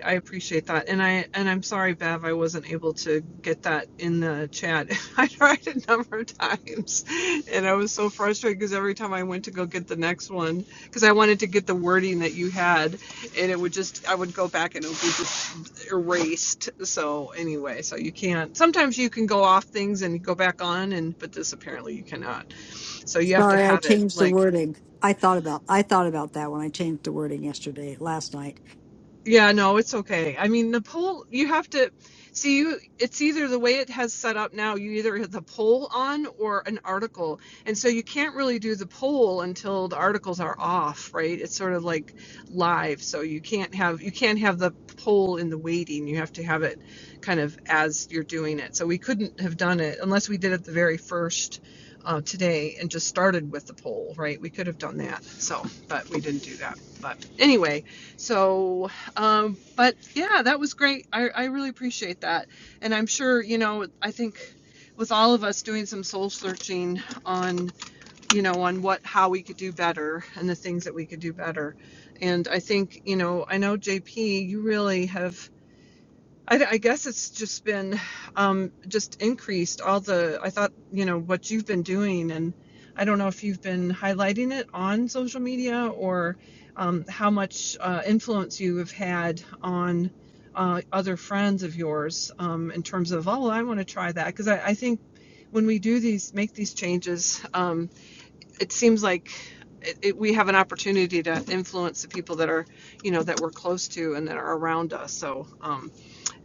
I appreciate that, and I and I'm sorry, Bev, I wasn't able to get that in the chat. I tried a number of times, and I was so frustrated because every time I went to go get the next one, because I wanted to get the wording that you had, and it would just I would go back and it would be just erased. So anyway, so you can't. Sometimes you can go off things and go back on, and but this apparently you cannot. So you have to Sorry, I have it changed the like wording. I thought about I thought about that when I changed the wording yesterday, last night. Yeah, no, it's okay. I mean, the poll, you have to see you it's either the way it has set up now, you either have the poll on or an article. And so you can't really do the poll until the articles are off, right? It's sort of like live, so you can't have you can't have the poll in the waiting. You have to have it kind of as you're doing it. So we couldn't have done it unless we did it the very first uh, today and just started with the poll, right? We could have done that. So, but we didn't do that. But anyway, so um, but yeah, that was great. I, I really appreciate that. And I'm sure, you know, I think with all of us doing some soul searching on, you know, on what, how we could do better and the things that we could do better. And I think, you know, I know JP, you really have I, I guess it's just been um, just increased all the. I thought you know what you've been doing, and I don't know if you've been highlighting it on social media or um, how much uh, influence you have had on uh, other friends of yours um, in terms of oh I want to try that because I, I think when we do these make these changes, um, it seems like it, it, we have an opportunity to influence the people that are you know that we're close to and that are around us. So. Um,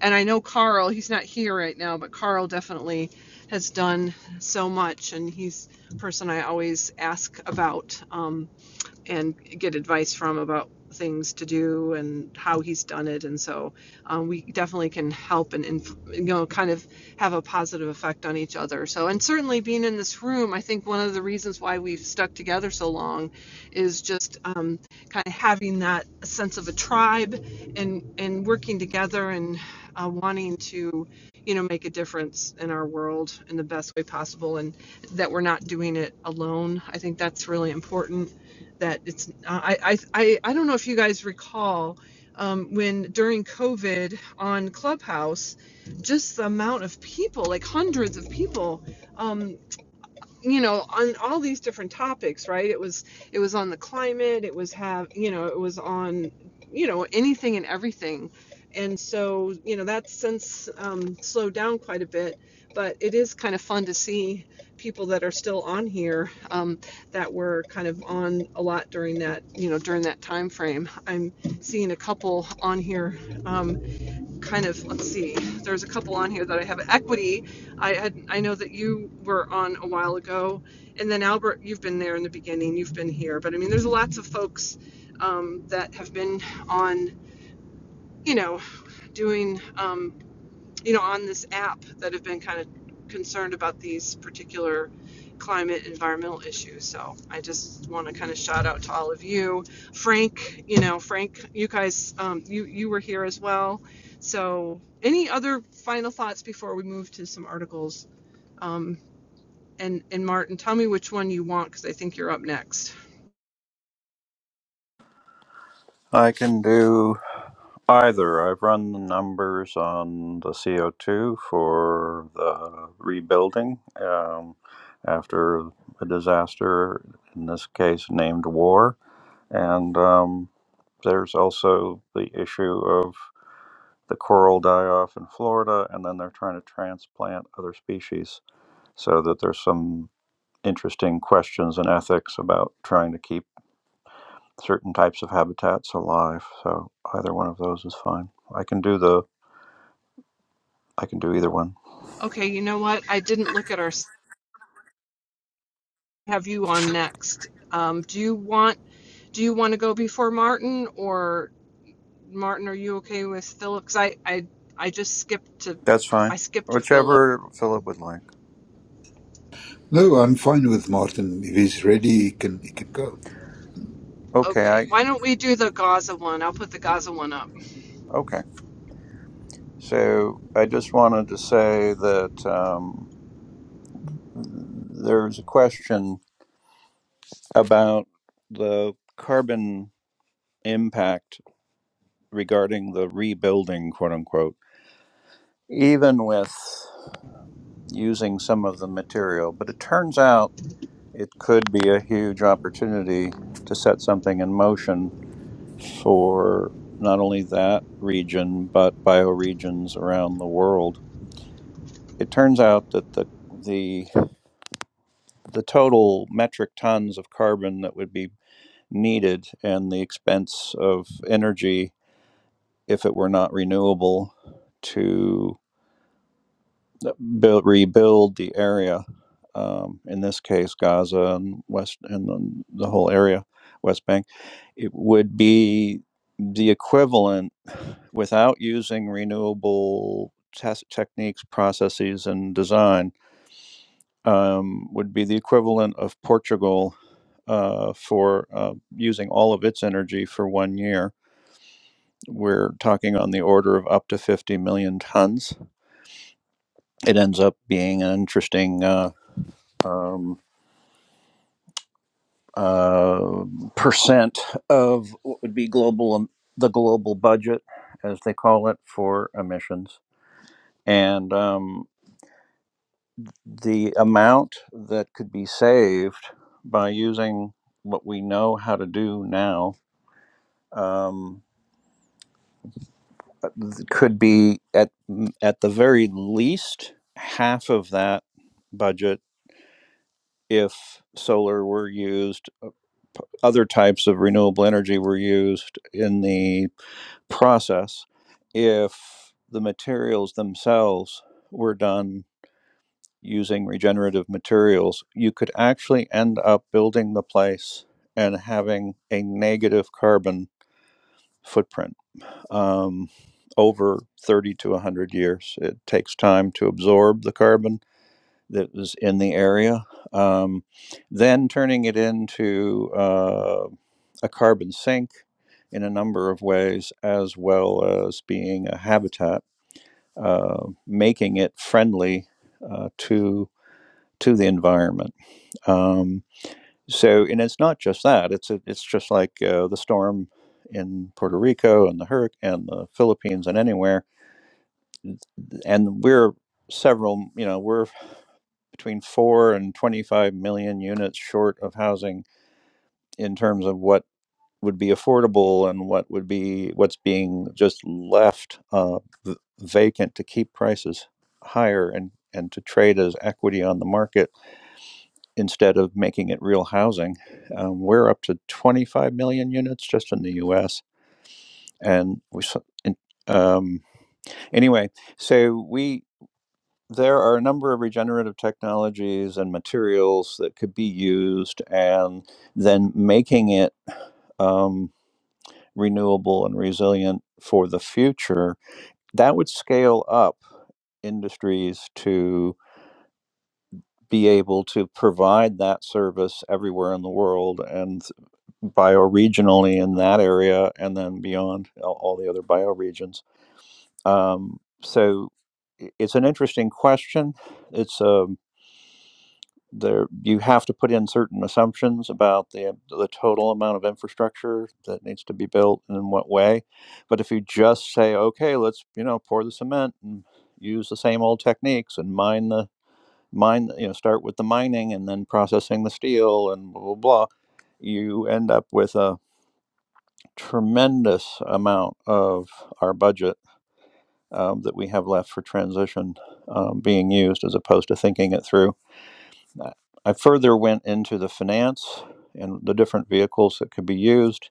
and I know Carl, he's not here right now, but Carl definitely has done so much, and he's a person I always ask about. Um, and get advice from about things to do and how he's done it. And so um, we definitely can help and, inf- you know, kind of have a positive effect on each other. So, and certainly being in this room, I think one of the reasons why we've stuck together so long is just um, kind of having that sense of a tribe and, and working together and uh, wanting to, you know, make a difference in our world in the best way possible and that we're not doing it alone. I think that's really important that it's I I I, I don't know if you guys recall um, when during COVID on Clubhouse, just the amount of people, like hundreds of people. um, you know on all these different topics right it was it was on the climate it was have you know it was on you know anything and everything and so you know that's since um, slowed down quite a bit but it is kind of fun to see people that are still on here um, that were kind of on a lot during that you know during that time frame i'm seeing a couple on here um, kind of let's see there's a couple on here that i have equity i had i know that you were on a while ago and then albert you've been there in the beginning you've been here but i mean there's lots of folks um, that have been on you know doing um, you know, on this app that have been kind of concerned about these particular climate environmental issues. So I just want to kind of shout out to all of you, Frank. You know, Frank, you guys, um, you you were here as well. So any other final thoughts before we move to some articles? Um, and and Martin, tell me which one you want because I think you're up next. I can do either. I've run the numbers on the CO2 for the rebuilding um, after a disaster, in this case named war. And um, there's also the issue of the coral die off in Florida, and then they're trying to transplant other species so that there's some interesting questions and ethics about trying to keep certain types of habitats alive. So either one of those is fine. I can do the I can do either one. Okay, you know what? I didn't look at our have you on next. Um, do you want do you want to go before Martin or Martin, are you okay with Philip? Because I, I, I just skipped to, That's I fine. skipped you, Philip. Whichever Philip would like. No, I'm fine with Martin. If he's ready, he can he can go. Okay, Okay, I why don't we do the Gaza one? I'll put the Gaza one up. okay. So I just wanted to say that um, there's a question about the carbon impact regarding the rebuilding, quote unquote, even with using some of the material. But it turns out it could be a huge opportunity to set something in motion for not only that region, but bioregions around the world. It turns out that the the the total metric tons of carbon that would be needed and the expense of energy if it were not renewable to build, rebuild the area. Um, in this case, Gaza and West and then the whole area, West Bank, it would be the equivalent without using renewable test techniques, processes, and design. Um, would be the equivalent of Portugal uh, for uh, using all of its energy for one year. We're talking on the order of up to 50 million tons. It ends up being an interesting uh, um, uh, percent of what would be global um, the global budget, as they call it, for emissions, and um, the amount that could be saved by using what we know how to do now um, could be at at the very least half of that budget if solar were used uh, other types of renewable energy were used in the process if the materials themselves were done using regenerative materials you could actually end up building the place and having a negative carbon footprint um, over 30 to 100 years it takes time to absorb the carbon that was in the area. Um, then turning it into uh, a carbon sink in a number of ways, as well as being a habitat, uh, making it friendly uh, to to the environment. Um, so, and it's not just that; it's a, it's just like uh, the storm in Puerto Rico and the hurricane and the Philippines and anywhere. And we're several, you know, we're between 4 and 25 million units short of housing in terms of what would be affordable and what would be what's being just left uh, vacant to keep prices higher and and to trade as equity on the market instead of making it real housing. Um, we're up to 25 million units just in the U.S. and we um, anyway, so we there are a number of regenerative technologies and materials that could be used, and then making it um, renewable and resilient for the future, that would scale up industries to be able to provide that service everywhere in the world and bioregionally in that area and then beyond all all the other bioregions. Um, so i- it's an interesting question. It's a there you have to put in certain assumptions about the the total amount of infrastructure that needs to be built and in what way but if you just say okay let's you know pour the cement and use the same old techniques and mine the mine you know start with the mining and then processing the steel and blah blah blah you end up with a tremendous amount of our budget um, that we have left for transition um, being used as opposed to thinking it through I further went into the finance and the different vehicles that could be used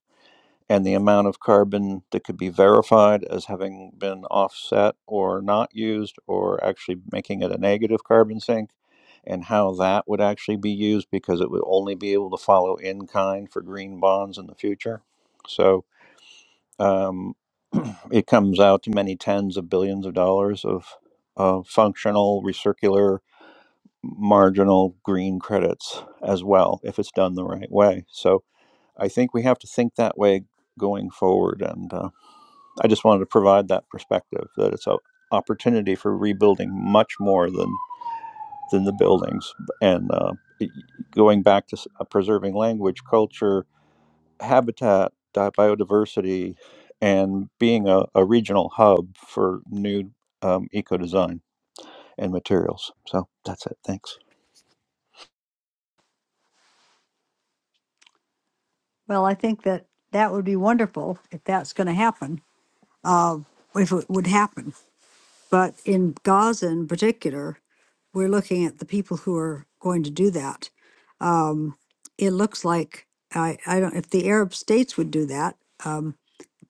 and the amount of carbon that could be verified as having been offset or not used or actually making it a negative carbon sink and how that would actually be used because it would only be able to follow in kind for green bonds in the future. So um, it comes out to many tens of billions of dollars of, of functional recircular marginal green credits as well if it's done the right way. So I think we have to think that way going forward. And uh, I just wanted to provide that perspective that it's an opportunity for rebuilding much more than than the buildings and uh, going back to uh, preserving language, culture, habitat, biodiversity, and being a, a regional hub for new um, eco design and materials. So that's it. Thanks. Well, I think that that would be wonderful if that's going to happen. Uh, if it would happen. But in Gaza in particular, we're looking at the people who are going to do that. Um, it looks like I, I don't if the Arab states would do that, um,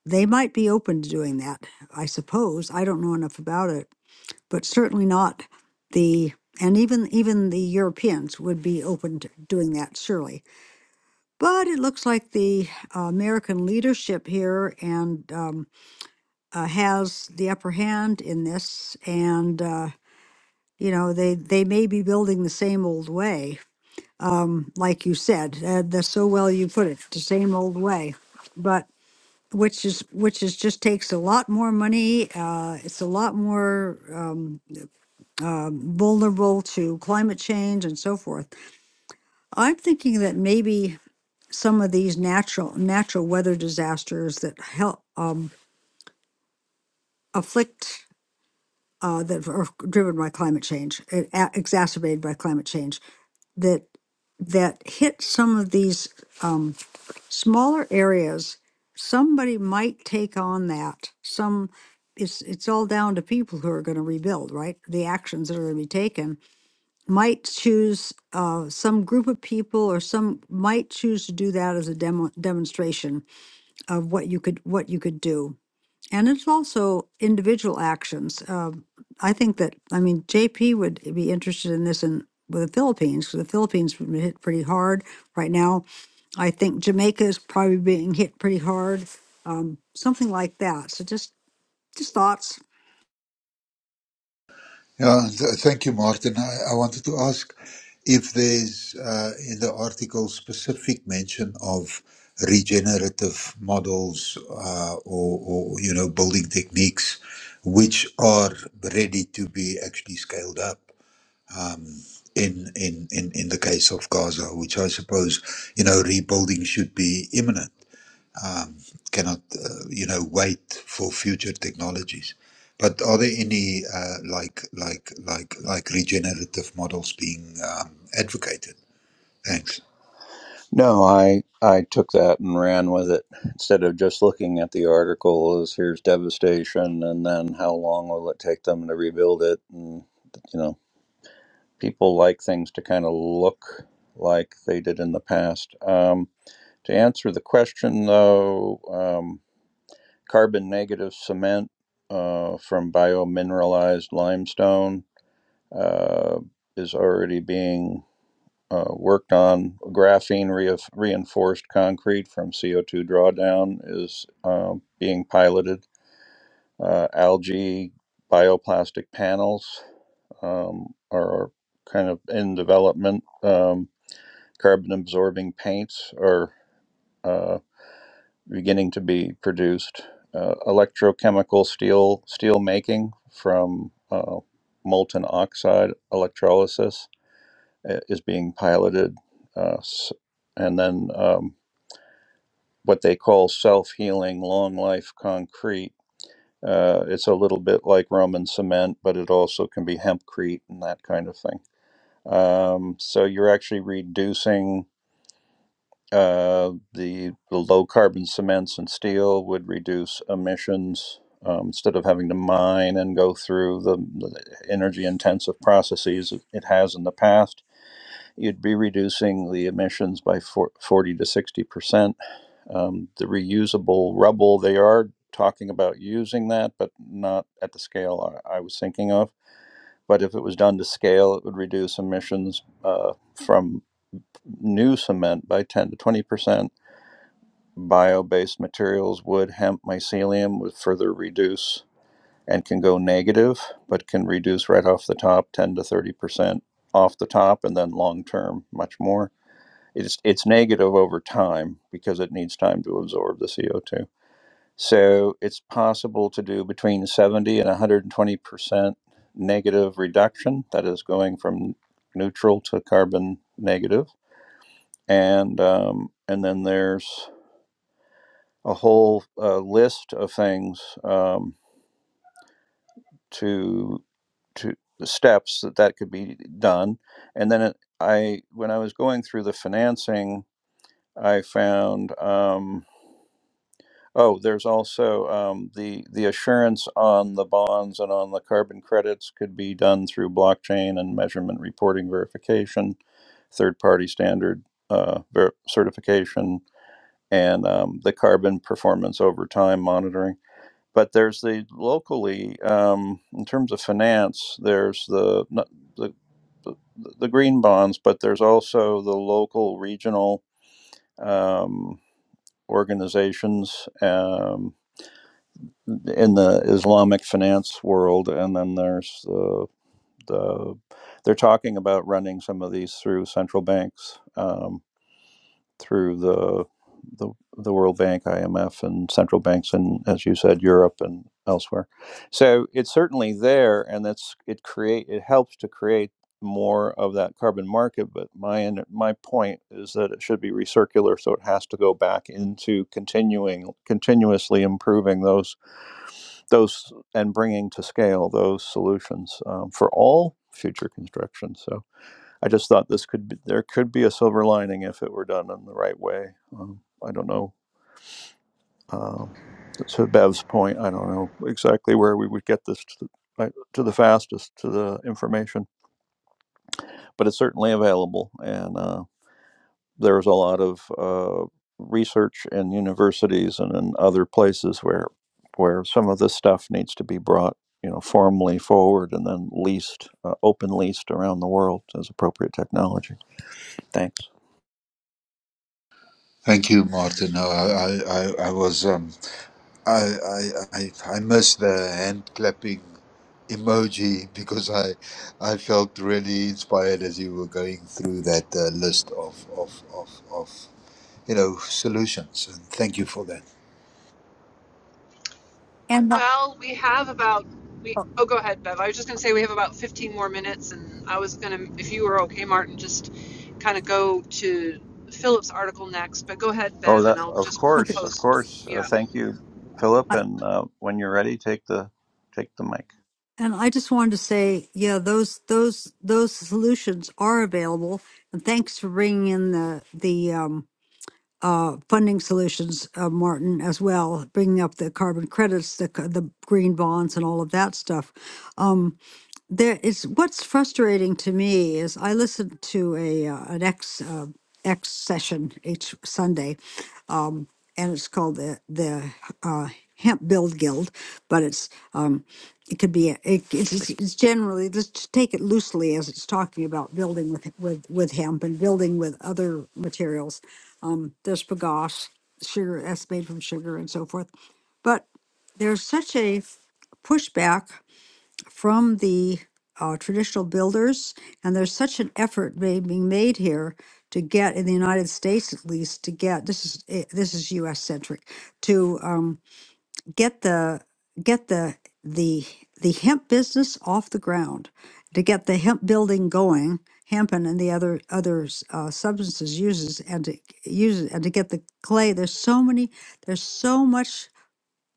they might be open to doing that. I suppose I don't know enough about it, but certainly not the and even even the Europeans would be open to doing that surely. But it looks like the uh, American leadership here and um, uh, has the upper hand in this and. uh, you know they they may be building the same old way from like you said uh, that's so well you put it the same old way but which is which is just takes a lot more money uh, it's a lot more um, um vulnerable to climate change and so forth i'm thinking that maybe some of these natural natural weather disasters that help um, afflict uh, that are driven by climate change, uh, a- exacerbated by climate change. That that hit some of these um, smaller areas, somebody might take on that. Some, it's it's all down to people who are going to rebuild, right? The actions that are going to be taken might choose uh, some group of people, or some might choose to do that as a demo demonstration of what you could what you could do. And it's also individual actions. Um, I think that, I mean, JP would be interested in this in with the Philippines because the Philippines have been hit pretty hard right now. I think Jamaica is probably being hit pretty hard. Um, something like that. So just just thoughts. Yeah, th- thank you, Martin. I, I wanted to ask if there's uh, in the article specific mention of regenerative models uh, or, or you know building techniques which are ready to be actually scaled up um, in, in in in the case of Gaza, which I suppose you know rebuilding should be imminent um, cannot, uh, you know, wait for future technologies. But are there any uh, like like like like regenerative models being um, advocated? Thanks. No, I I took that and ran with it instead of just looking at the article as here's devastation and then how long will it take them to rebuild it and you know people like things to kind of look like they did in the past. Um, to answer the question though, um, carbon negative cement uh, from biomineralized limestone uh, is already being uh, worked on graphene reaf reinforced concrete from CO2 drawdown is uh, being piloted. Uh, algae bioplastic panels um, are kind of in development. Um, carbon absorbing paints are uh, beginning to be produced. Uh, electrochemical steel steel making from uh, molten oxide electrolysis uh, is being piloted. Uh, and then um, what they call self healing long life concrete. Uh, it's a little bit like Roman cement, but it also can be hempcrete and that kind of thing. Um, so you're actually reducing uh, the, the low carbon cements and steel would reduce emissions um, instead of having to mine and go through the, the energy intensive processes it has in the past. You'd be reducing the emissions by 40 to 60%. Um, the reusable rubble, they are talking about using that, but not at the scale I, I was thinking of. But if it was done to scale, it would reduce emissions uh, from new cement by 10 to 20 percent. Bio based materials, wood, hemp, mycelium, would further reduce and can go negative, but can reduce right off the top 10 to 30 percent off the top, and then long term, much more. It's, it's negative over time because it needs time to absorb the CO2 So it's possible to do between 70 and 120% negative reduction, that is going from neutral to carbon negative. And, um, and then there's a whole uh, list of things um, to, to the steps that that could be done. And then it, I, when I was going through the financing, I found um, Oh, there's also um, the the assurance on the bonds and on the carbon credits could be done through blockchain and measurement reporting verification, third party standard uh, ver- certification, and um, the carbon performance over time monitoring. But there's the locally um, in terms of finance. There's the not- the the the green bonds, but there's also the local regional um, organizations. Um, in the Islamic finance world, and then there's uh, the they're talking about running some of these through central banks, um, through the, the the World Bank, IMF, and central banks, and as you said, Europe and elsewhere. So it's certainly there, and that's it. Create it helps to create more of that carbon market but my and my point is that it should be recircular so it has to go back into continuing continuously improving those those and bringing to scale those solutions um, for all future construction. So I just thought this could be there could be a silver lining if it were done in the right way. Um, I don't know. Um, to Bev's point, I don't know exactly where we would get this to, the- right, to the fastest to the information, but it's certainly available, and uh, there's a lot of uh, research in universities and in other places where where some of this stuff needs to be brought you know formally forward and then leased uh, open leased around the world as appropriate technology thanks Thank you, Martin. No, I I, I I was um, I, I I I missed the hand clapping emoji because I I felt really inspired as you were going through that uh, list of, of of of you know solutions, and thank you for that. And the- Well, we have about we. oh, Oh, go ahead, Bev. I was just gonna say we have about 15 more minutes, and I was gonna, if you were okay, Martin, just kind of go to Philip's article next. But go ahead, oh Bev, and that I'll of just okay. course of post. course uh, Yeah. thank you philip I- and uh, when you're ready take the take the mic And I just wanted to say, yeah, those those those solutions are available. And thanks for bringing in the the um, uh, funding solutions, uh, Martin, as well, bringing up the carbon credits, the c- the green bonds, and all of that stuff. Um, there is what's frustrating to me is I listened to a uh, an X uh, X session each Sunday, and it's called the the uh, Hemp Build Guild, but it's um, it could be a- it, it's, it's generally let's just take it loosely as it's talking about building with with with hemp and building with other materials. Um, there's bagasse, sugar that's made from sugar and so forth, but there's such a pushback from the uh, traditional builders, and there's such an effort ma- being made here to get in the United States, at least, to get this is eh, this is U.S. centric to um, get the get the the the hemp business off the ground, to get the hemp building going, hempen and the other other s- uh, substances uses and to use it and to get the clay. There's so many. There's so much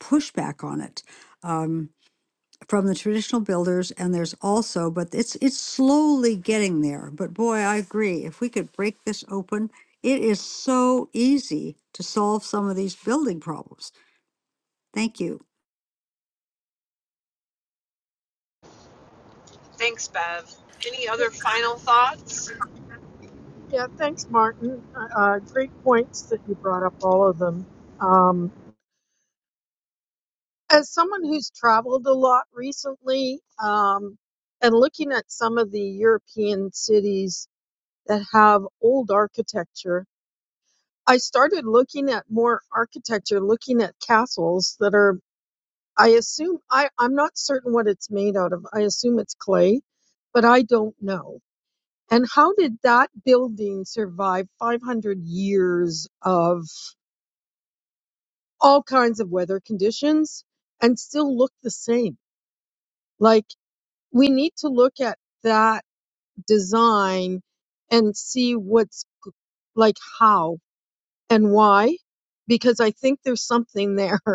pushback on it. Um, from the traditional builders and there's also but it's it's slowly getting there but boy i agree if we could break this open it is so easy to solve some of these building problems thank you Thanks, Bev. Any other final thoughts? Yeah, thanks, Martin. Uh, uh, great points that you brought up, all of them. Um, as someone who's traveled a lot recently, um, and looking at some of the European cities that have old architecture, I started looking at more architecture, looking at castles that are, I assume, I, I'm not certain what it's made out of. I assume it's clay, but I don't know. And how did that building survive 500 years of all kinds of weather conditions and still look the same? Like, we need to look at that design and see what's g- like how and why, because I think there's something there.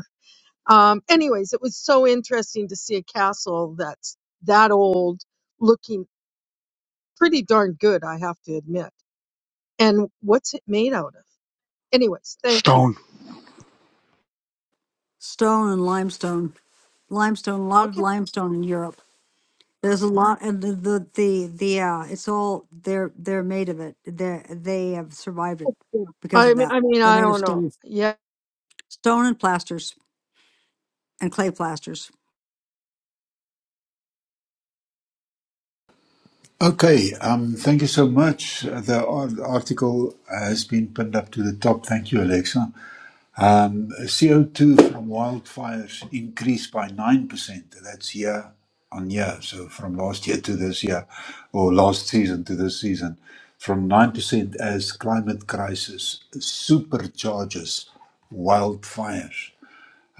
Um, anyways, it was so interesting to see a castle that's that old looking pretty darn good, I have to admit. And what's it made out of? Anyways, thank you. stone stone and limestone limestone a lot of Okay. limestone in europe there's a lot and the the the, the uh it's all they're they're made of it they they have survived it Yeah. because I of mean, that I mean, they're I made of don't know. stone Yeah, stone and plasters and clay plasters Okay, um, thank you so much. The ar- article has been pinned up to the top. Thank you, Alexa. Um, CO2 from wildfires increased by 9%. That's year on year. So from last year to this year, or last season to this season, from 9% as climate crisis supercharges wildfires.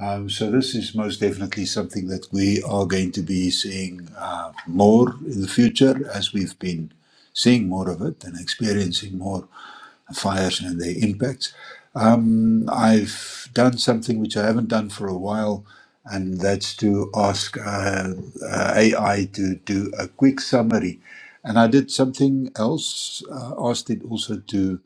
Um, so this is most definitely something that we are going to be seeing uh, more in the future as we've been seeing more of it and experiencing more fires and their impacts. I've done something which I haven't done for a while, and that's to ask uh, uh, AI to do a quick summary. And I did something else, uh, asked it also to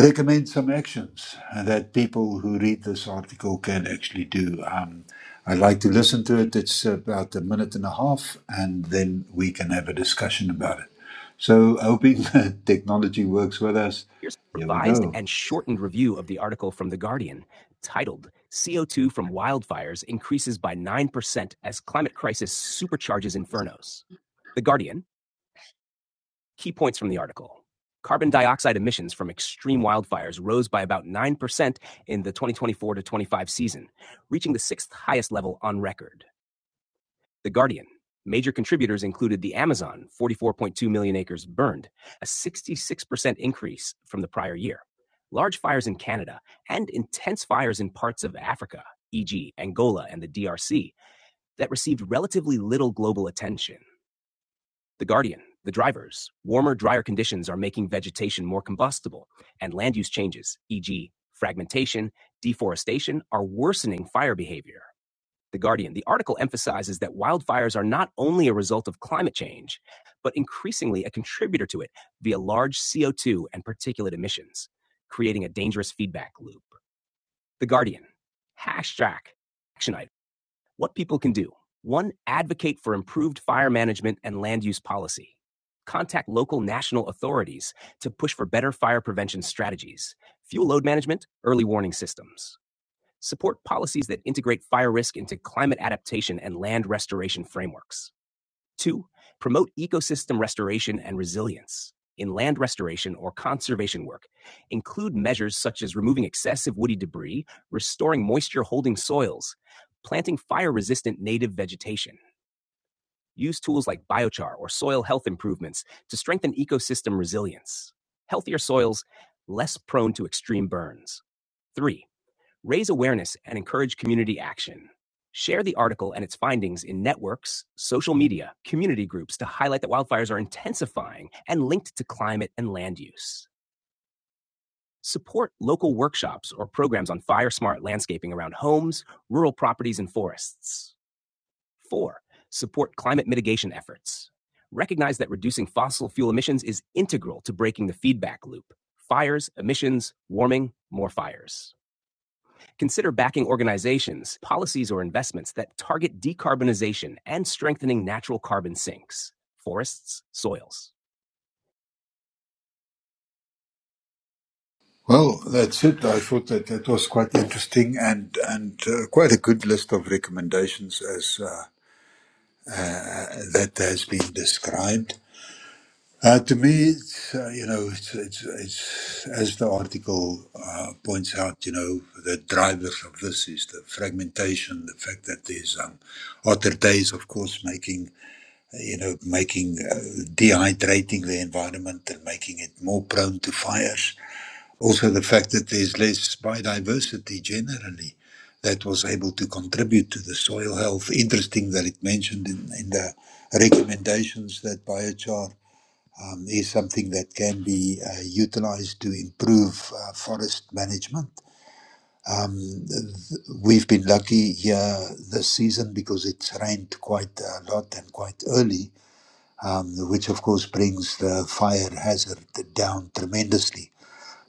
recommend some actions that people who read this article can actually do. Um, I'd like to listen to it. It's about a minute and a half, and then we can have a discussion about it. So, hoping that technology works with us, here we go. Well, that's it. I thought that that was quite interesting and and uh, quite a good list of recommendations as uh, that has been described. Uh, to me, it's, uh, you know, it's, it's, it's as the article uh, points out, you know, the drivers of this is the fragmentation, the fact that there's um, other days, of course, making, uh, you know, making uh, dehydrating the environment and making it more prone to fires. Also, the fact that there's less biodiversity generally that was able to contribute to the soil health. Interesting that it mentioned in, in the recommendations that biochar um, is something that can be uh, utilized to improve uh, forest management. Um, th- we've been lucky here this season because it's rained quite a lot and quite early, um, which of course brings the fire hazard down tremendously.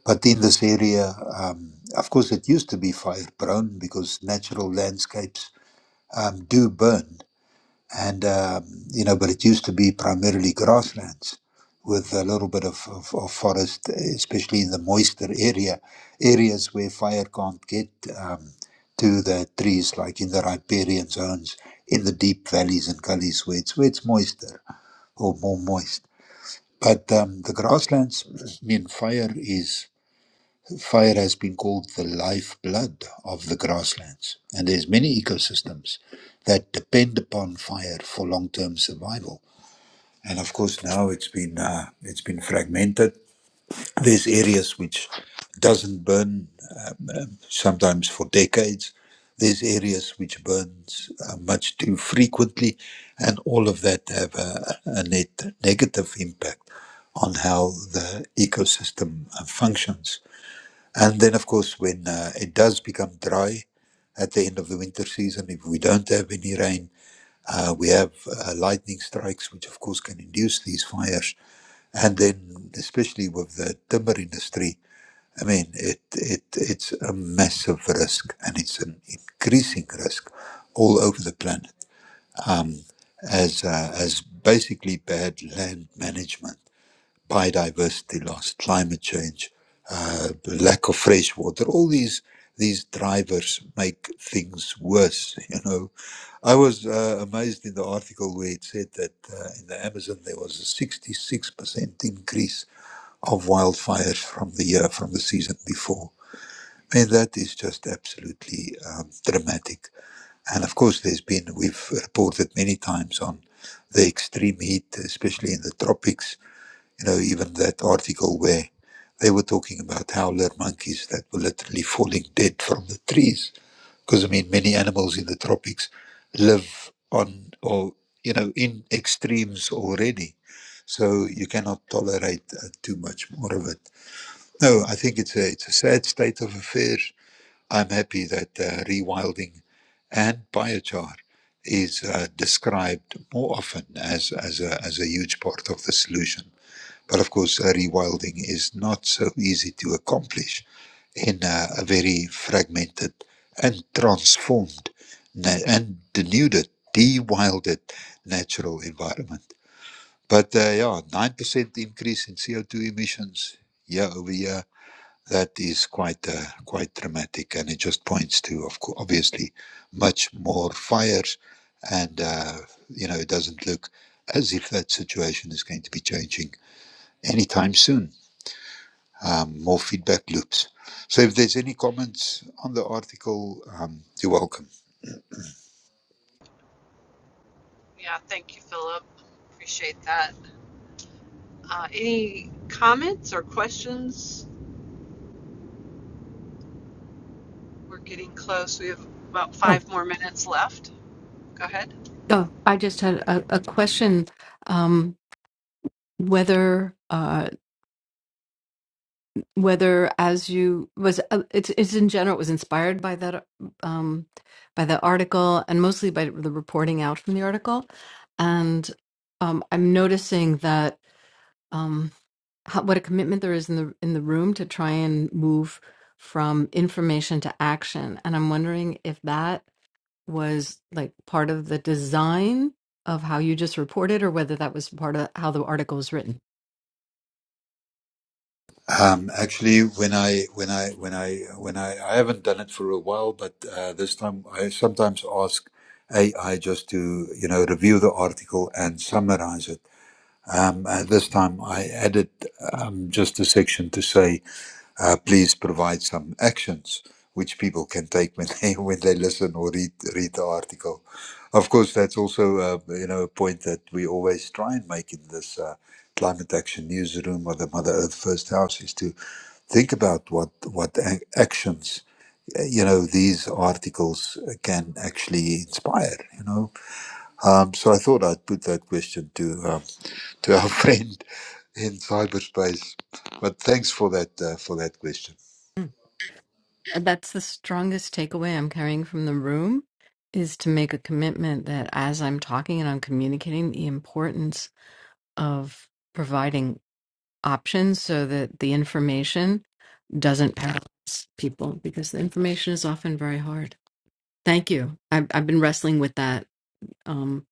But in this area, um, of course, it used to be fire prone because natural landscapes um, do burn and um, you know, but it used to be primarily grasslands with a little bit of, of, of forest, especially in the moister area areas where fire can't get um, to the trees, like in the riparian zones, in the deep valleys and gullies where it's where it's moister or more moist. But um, the grasslands, I mean, fire is Fire has been called the lifeblood of the grasslands, and there's many ecosystems that depend upon fire for long-term survival. And of course, now it's been uh, it's been fragmented. There's areas which doesn't burn um, um, sometimes for decades. There's areas which burns uh, much too frequently, and all of that have a, a net negative impact on how the ecosystem uh, functions and then, of course, when uh, it does become dry at the end of the winter season, if we don't have any rain, uh, we have uh, lightning strikes, which of course can induce these fires. And then, especially with the timber industry, I mean, it, it it's a massive risk, and it's an increasing risk all over the planet as uh, as basically bad land management biodiversity loss, climate change, uh, lack of fresh water. All these these drivers make things worse. You know, I was uh, amazed in the article where it said that uh, in the Amazon there was a sixty six percent increase of wildfires from the year from the season before. And that is just absolutely um, dramatic. And of course, there's been, we've reported many times on the extreme heat, especially in the tropics, you know, even that article where they were talking about howler monkeys that were literally falling dead from the trees. Because, I mean, many animals in the tropics live on or, you know, in extremes already. So you cannot tolerate uh, too much more of it. No, I think it's a, it's a sad state of affairs. I'm happy that uh, rewilding and biochar is uh, described more often as, as, a, as a huge part of the solution but of course, uh, rewilding is not so easy to accomplish in uh, a very fragmented and transformed na- and denuded, de-wilded natural environment. But uh, yeah, 9% increase in CO2 emissions year over year. That is quite uh, quite dramatic, and it just points to, of course, obviously, much more fires, and uh, you know it doesn't look as if that situation is going to be changing anytime soon um, more feedback loops. So if there's any comments on the article, um, you're welcome. Yeah. Thank you, Philip. Appreciate that. Uh, any comments or questions? We're getting close. We have about oh five more minutes left. Go ahead. Oh, I just had a, a question. Um, whether uh, whether as you was uh, it's it's in general it was inspired by that uh, um, by the article and mostly by the reporting out from the article, and um, I'm noticing that um, how, what a commitment there is in the in the room to try and move from information to action, and I'm wondering if that was like part of the design of how you just reported or whether that was part of how the article was written. Um, actually, when I when I when I when I I haven't done it for a while, but uh, this time I sometimes ask AI just to you know review the article and summarize it. Um, uh, this time I added um, just a section to say. uh, please provide some actions which people can take when they when they listen or read read the article. Of course, that's also uh, you know a point that we always try and make in this uh, climate action newsroom or the Mother Earth First House is to think about what what ac- actions uh, you know these articles can actually inspire. You know, um, so I thought I'd put that question to um, to our friend in cyberspace. But thanks for that uh, for that question. Hmm. Uh, That's the strongest takeaway I'm carrying from the room is to make a commitment that as I'm talking and I'm communicating the importance of providing options so that the information doesn't paralyze people because the information is often very hard. Thank you. I've, I've been wrestling with that, um,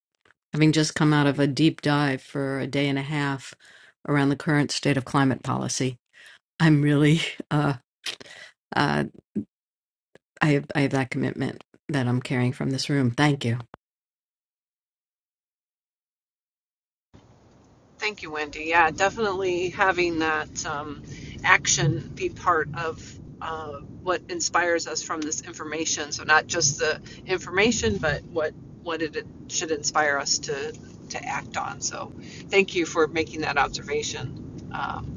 having just come out of a deep dive for a day and a half around the current state of climate policy. I'm really uh, uh, I have, I have that commitment that I'm carrying from this room. Thank you. Thank you, Wendy. Yeah, definitely having that um, action be part of uh, what inspires us from this information. So not just the information, but what what it should inspire us to to act on. So thank you for making that observation. Um,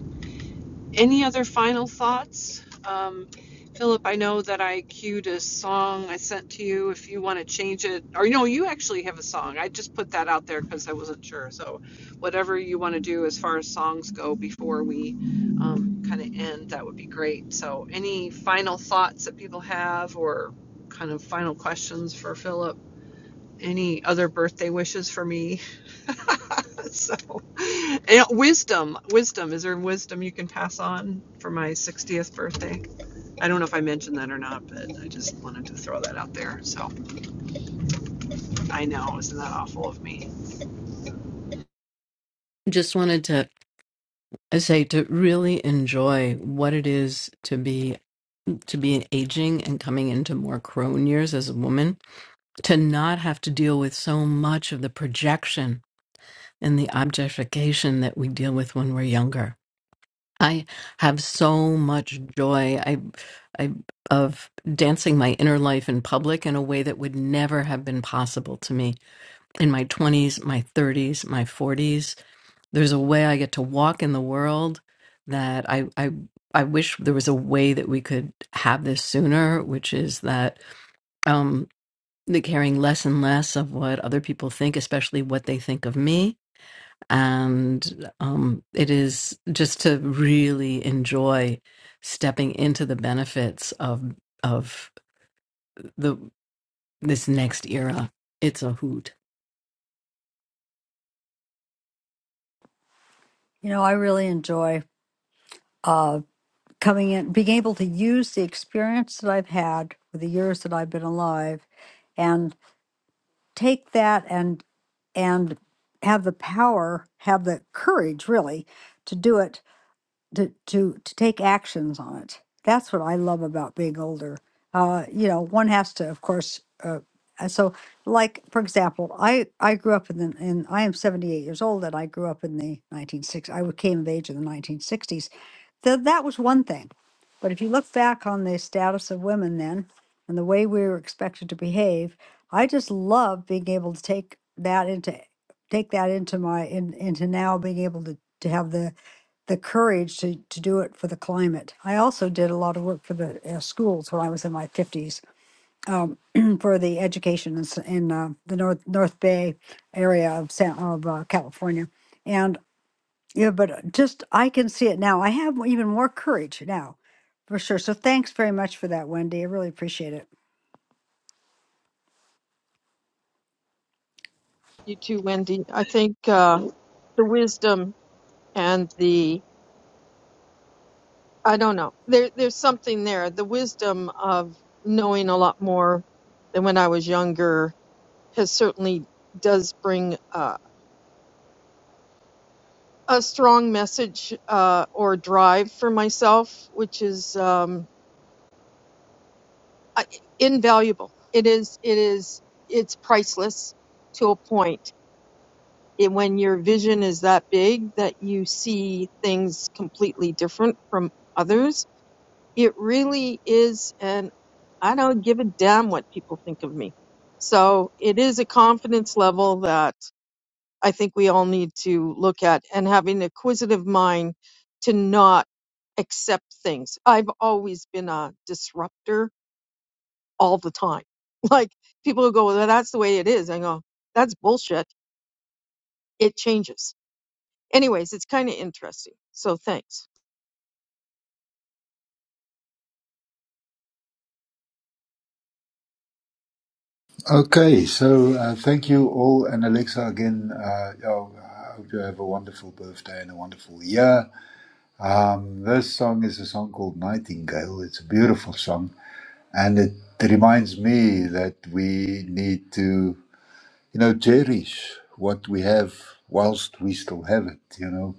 Any other final thoughts? Um, Philip, I know that I queued a song I sent to you. If you want to change it, or no, you actually have a song. I just put that out there because I wasn't sure. So, whatever you want to do as far as songs go before we um, kind of end, that would be great. So, any final thoughts that people have, or kind of final questions for Philip? Any other birthday wishes for me? so and wisdom wisdom is there wisdom you can pass on for my 60th birthday i don't know if i mentioned that or not but i just wanted to throw that out there so i know isn't that awful of me Just wanted to say to really enjoy what it is to be to be aging and coming into more crone years as a woman, to not have to deal with so much of the projection and the objectification that we deal with when we're younger. I have so much joy. I I of dancing my inner life in public in a way that would never have been possible to me in my 20s, my 30s, my 40s. There's a way I get to walk in the world that I I I wish there was a way that we could have this sooner, which is that um the caring less and less of what other people think, especially what they think of me. And um, it is just to really enjoy stepping into the benefits of of the this next era. It's a hoot. you know i really enjoy uh, coming in, being able to use the experience that I've had with the years that I've been alive and take that and and have the power, have the courage really to do it, to to to take actions on it. That's what I love about being older. Uh, you know, one has to, of course. Uh, uh, so, like for example, I I grew up in the in I am seventy eight years old, and I grew up in the nineteen six. I came of age in the nineteen sixties so that was one thing. But if you look back on the status of women then and the way we were expected to behave, I just love being able to take that into take that into my in, into now being able to to have the the courage to to do it for the climate. I also did a lot of work for the uh, schools when I was in my fifties um, for the education in, s- in uh, the North North Bay area of San, of uh, California and yeah, but uh, just I can see it now. I have even more courage now, for sure. So thanks very much for that, Wendy. I really appreciate it. you too, Wendy. I think uh, the wisdom and the I don't know. There, there's something there. The wisdom of knowing a lot more than when I was younger has certainly does bring uh, a strong message uh, or drive for myself, which is um, I- invaluable. It is. It is. It's priceless to a point it, when your vision is that big that you see things completely different from others, it really is an I don't give a damn what people think of me. So it is a confidence level that I think we all need to look at and having an acquisitive mind to not accept things. I've always been a disruptor all the time. Like people who go, well, that's the way it is. I go, that's bullshit. It changes Anyways, it's kind of interesting. So thanks. Okay, so uh, thank you all, and Alexa again. Uh, oh, I hope you have a wonderful birthday and a wonderful year. Um, this song is a song called Nightingale. It's a beautiful song, and it reminds me that we need to, you know, cherish what we have whilst we still have it. You know,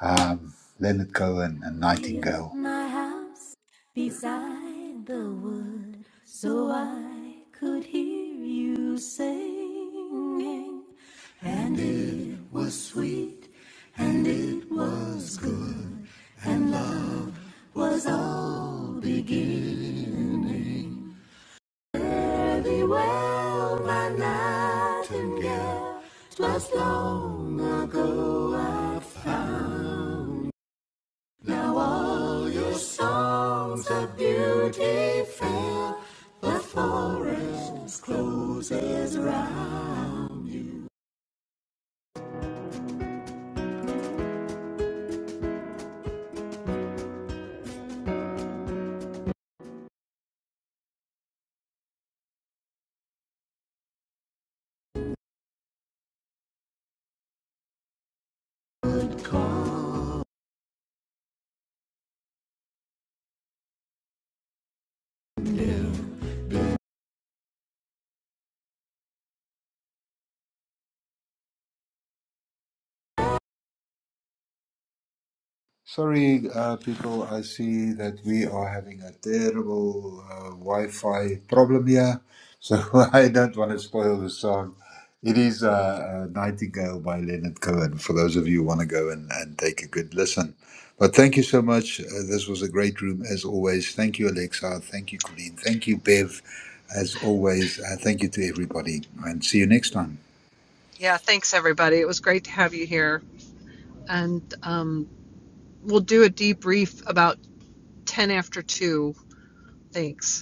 um, Leonard Cohen and Built Nightingale. my house beside the wood so I could hear you singing. And it was sweet, and it was good, and love was all beginning. Fare thee well, my nightingale, 'twas long ago I found. Now all your songs of beauty fill the forest closes round. Sorry, uh, people, I see that we are having a terrible uh, Wi Fi problem here, so I don't want to spoil the song. It is uh, uh, Nightingale by Leonard Cohen, for those of you who want to go and, and take a good listen. But thank you so much. Uh, this was a great room, as always. Thank you, Alexa. Thank you, Colleen. Thank you, Bev, as always. Uh, thank you to everybody, and see you next time. yeah thanks everybody it was great to have you here and um, we'll do a debrief about 10 after 2 thanks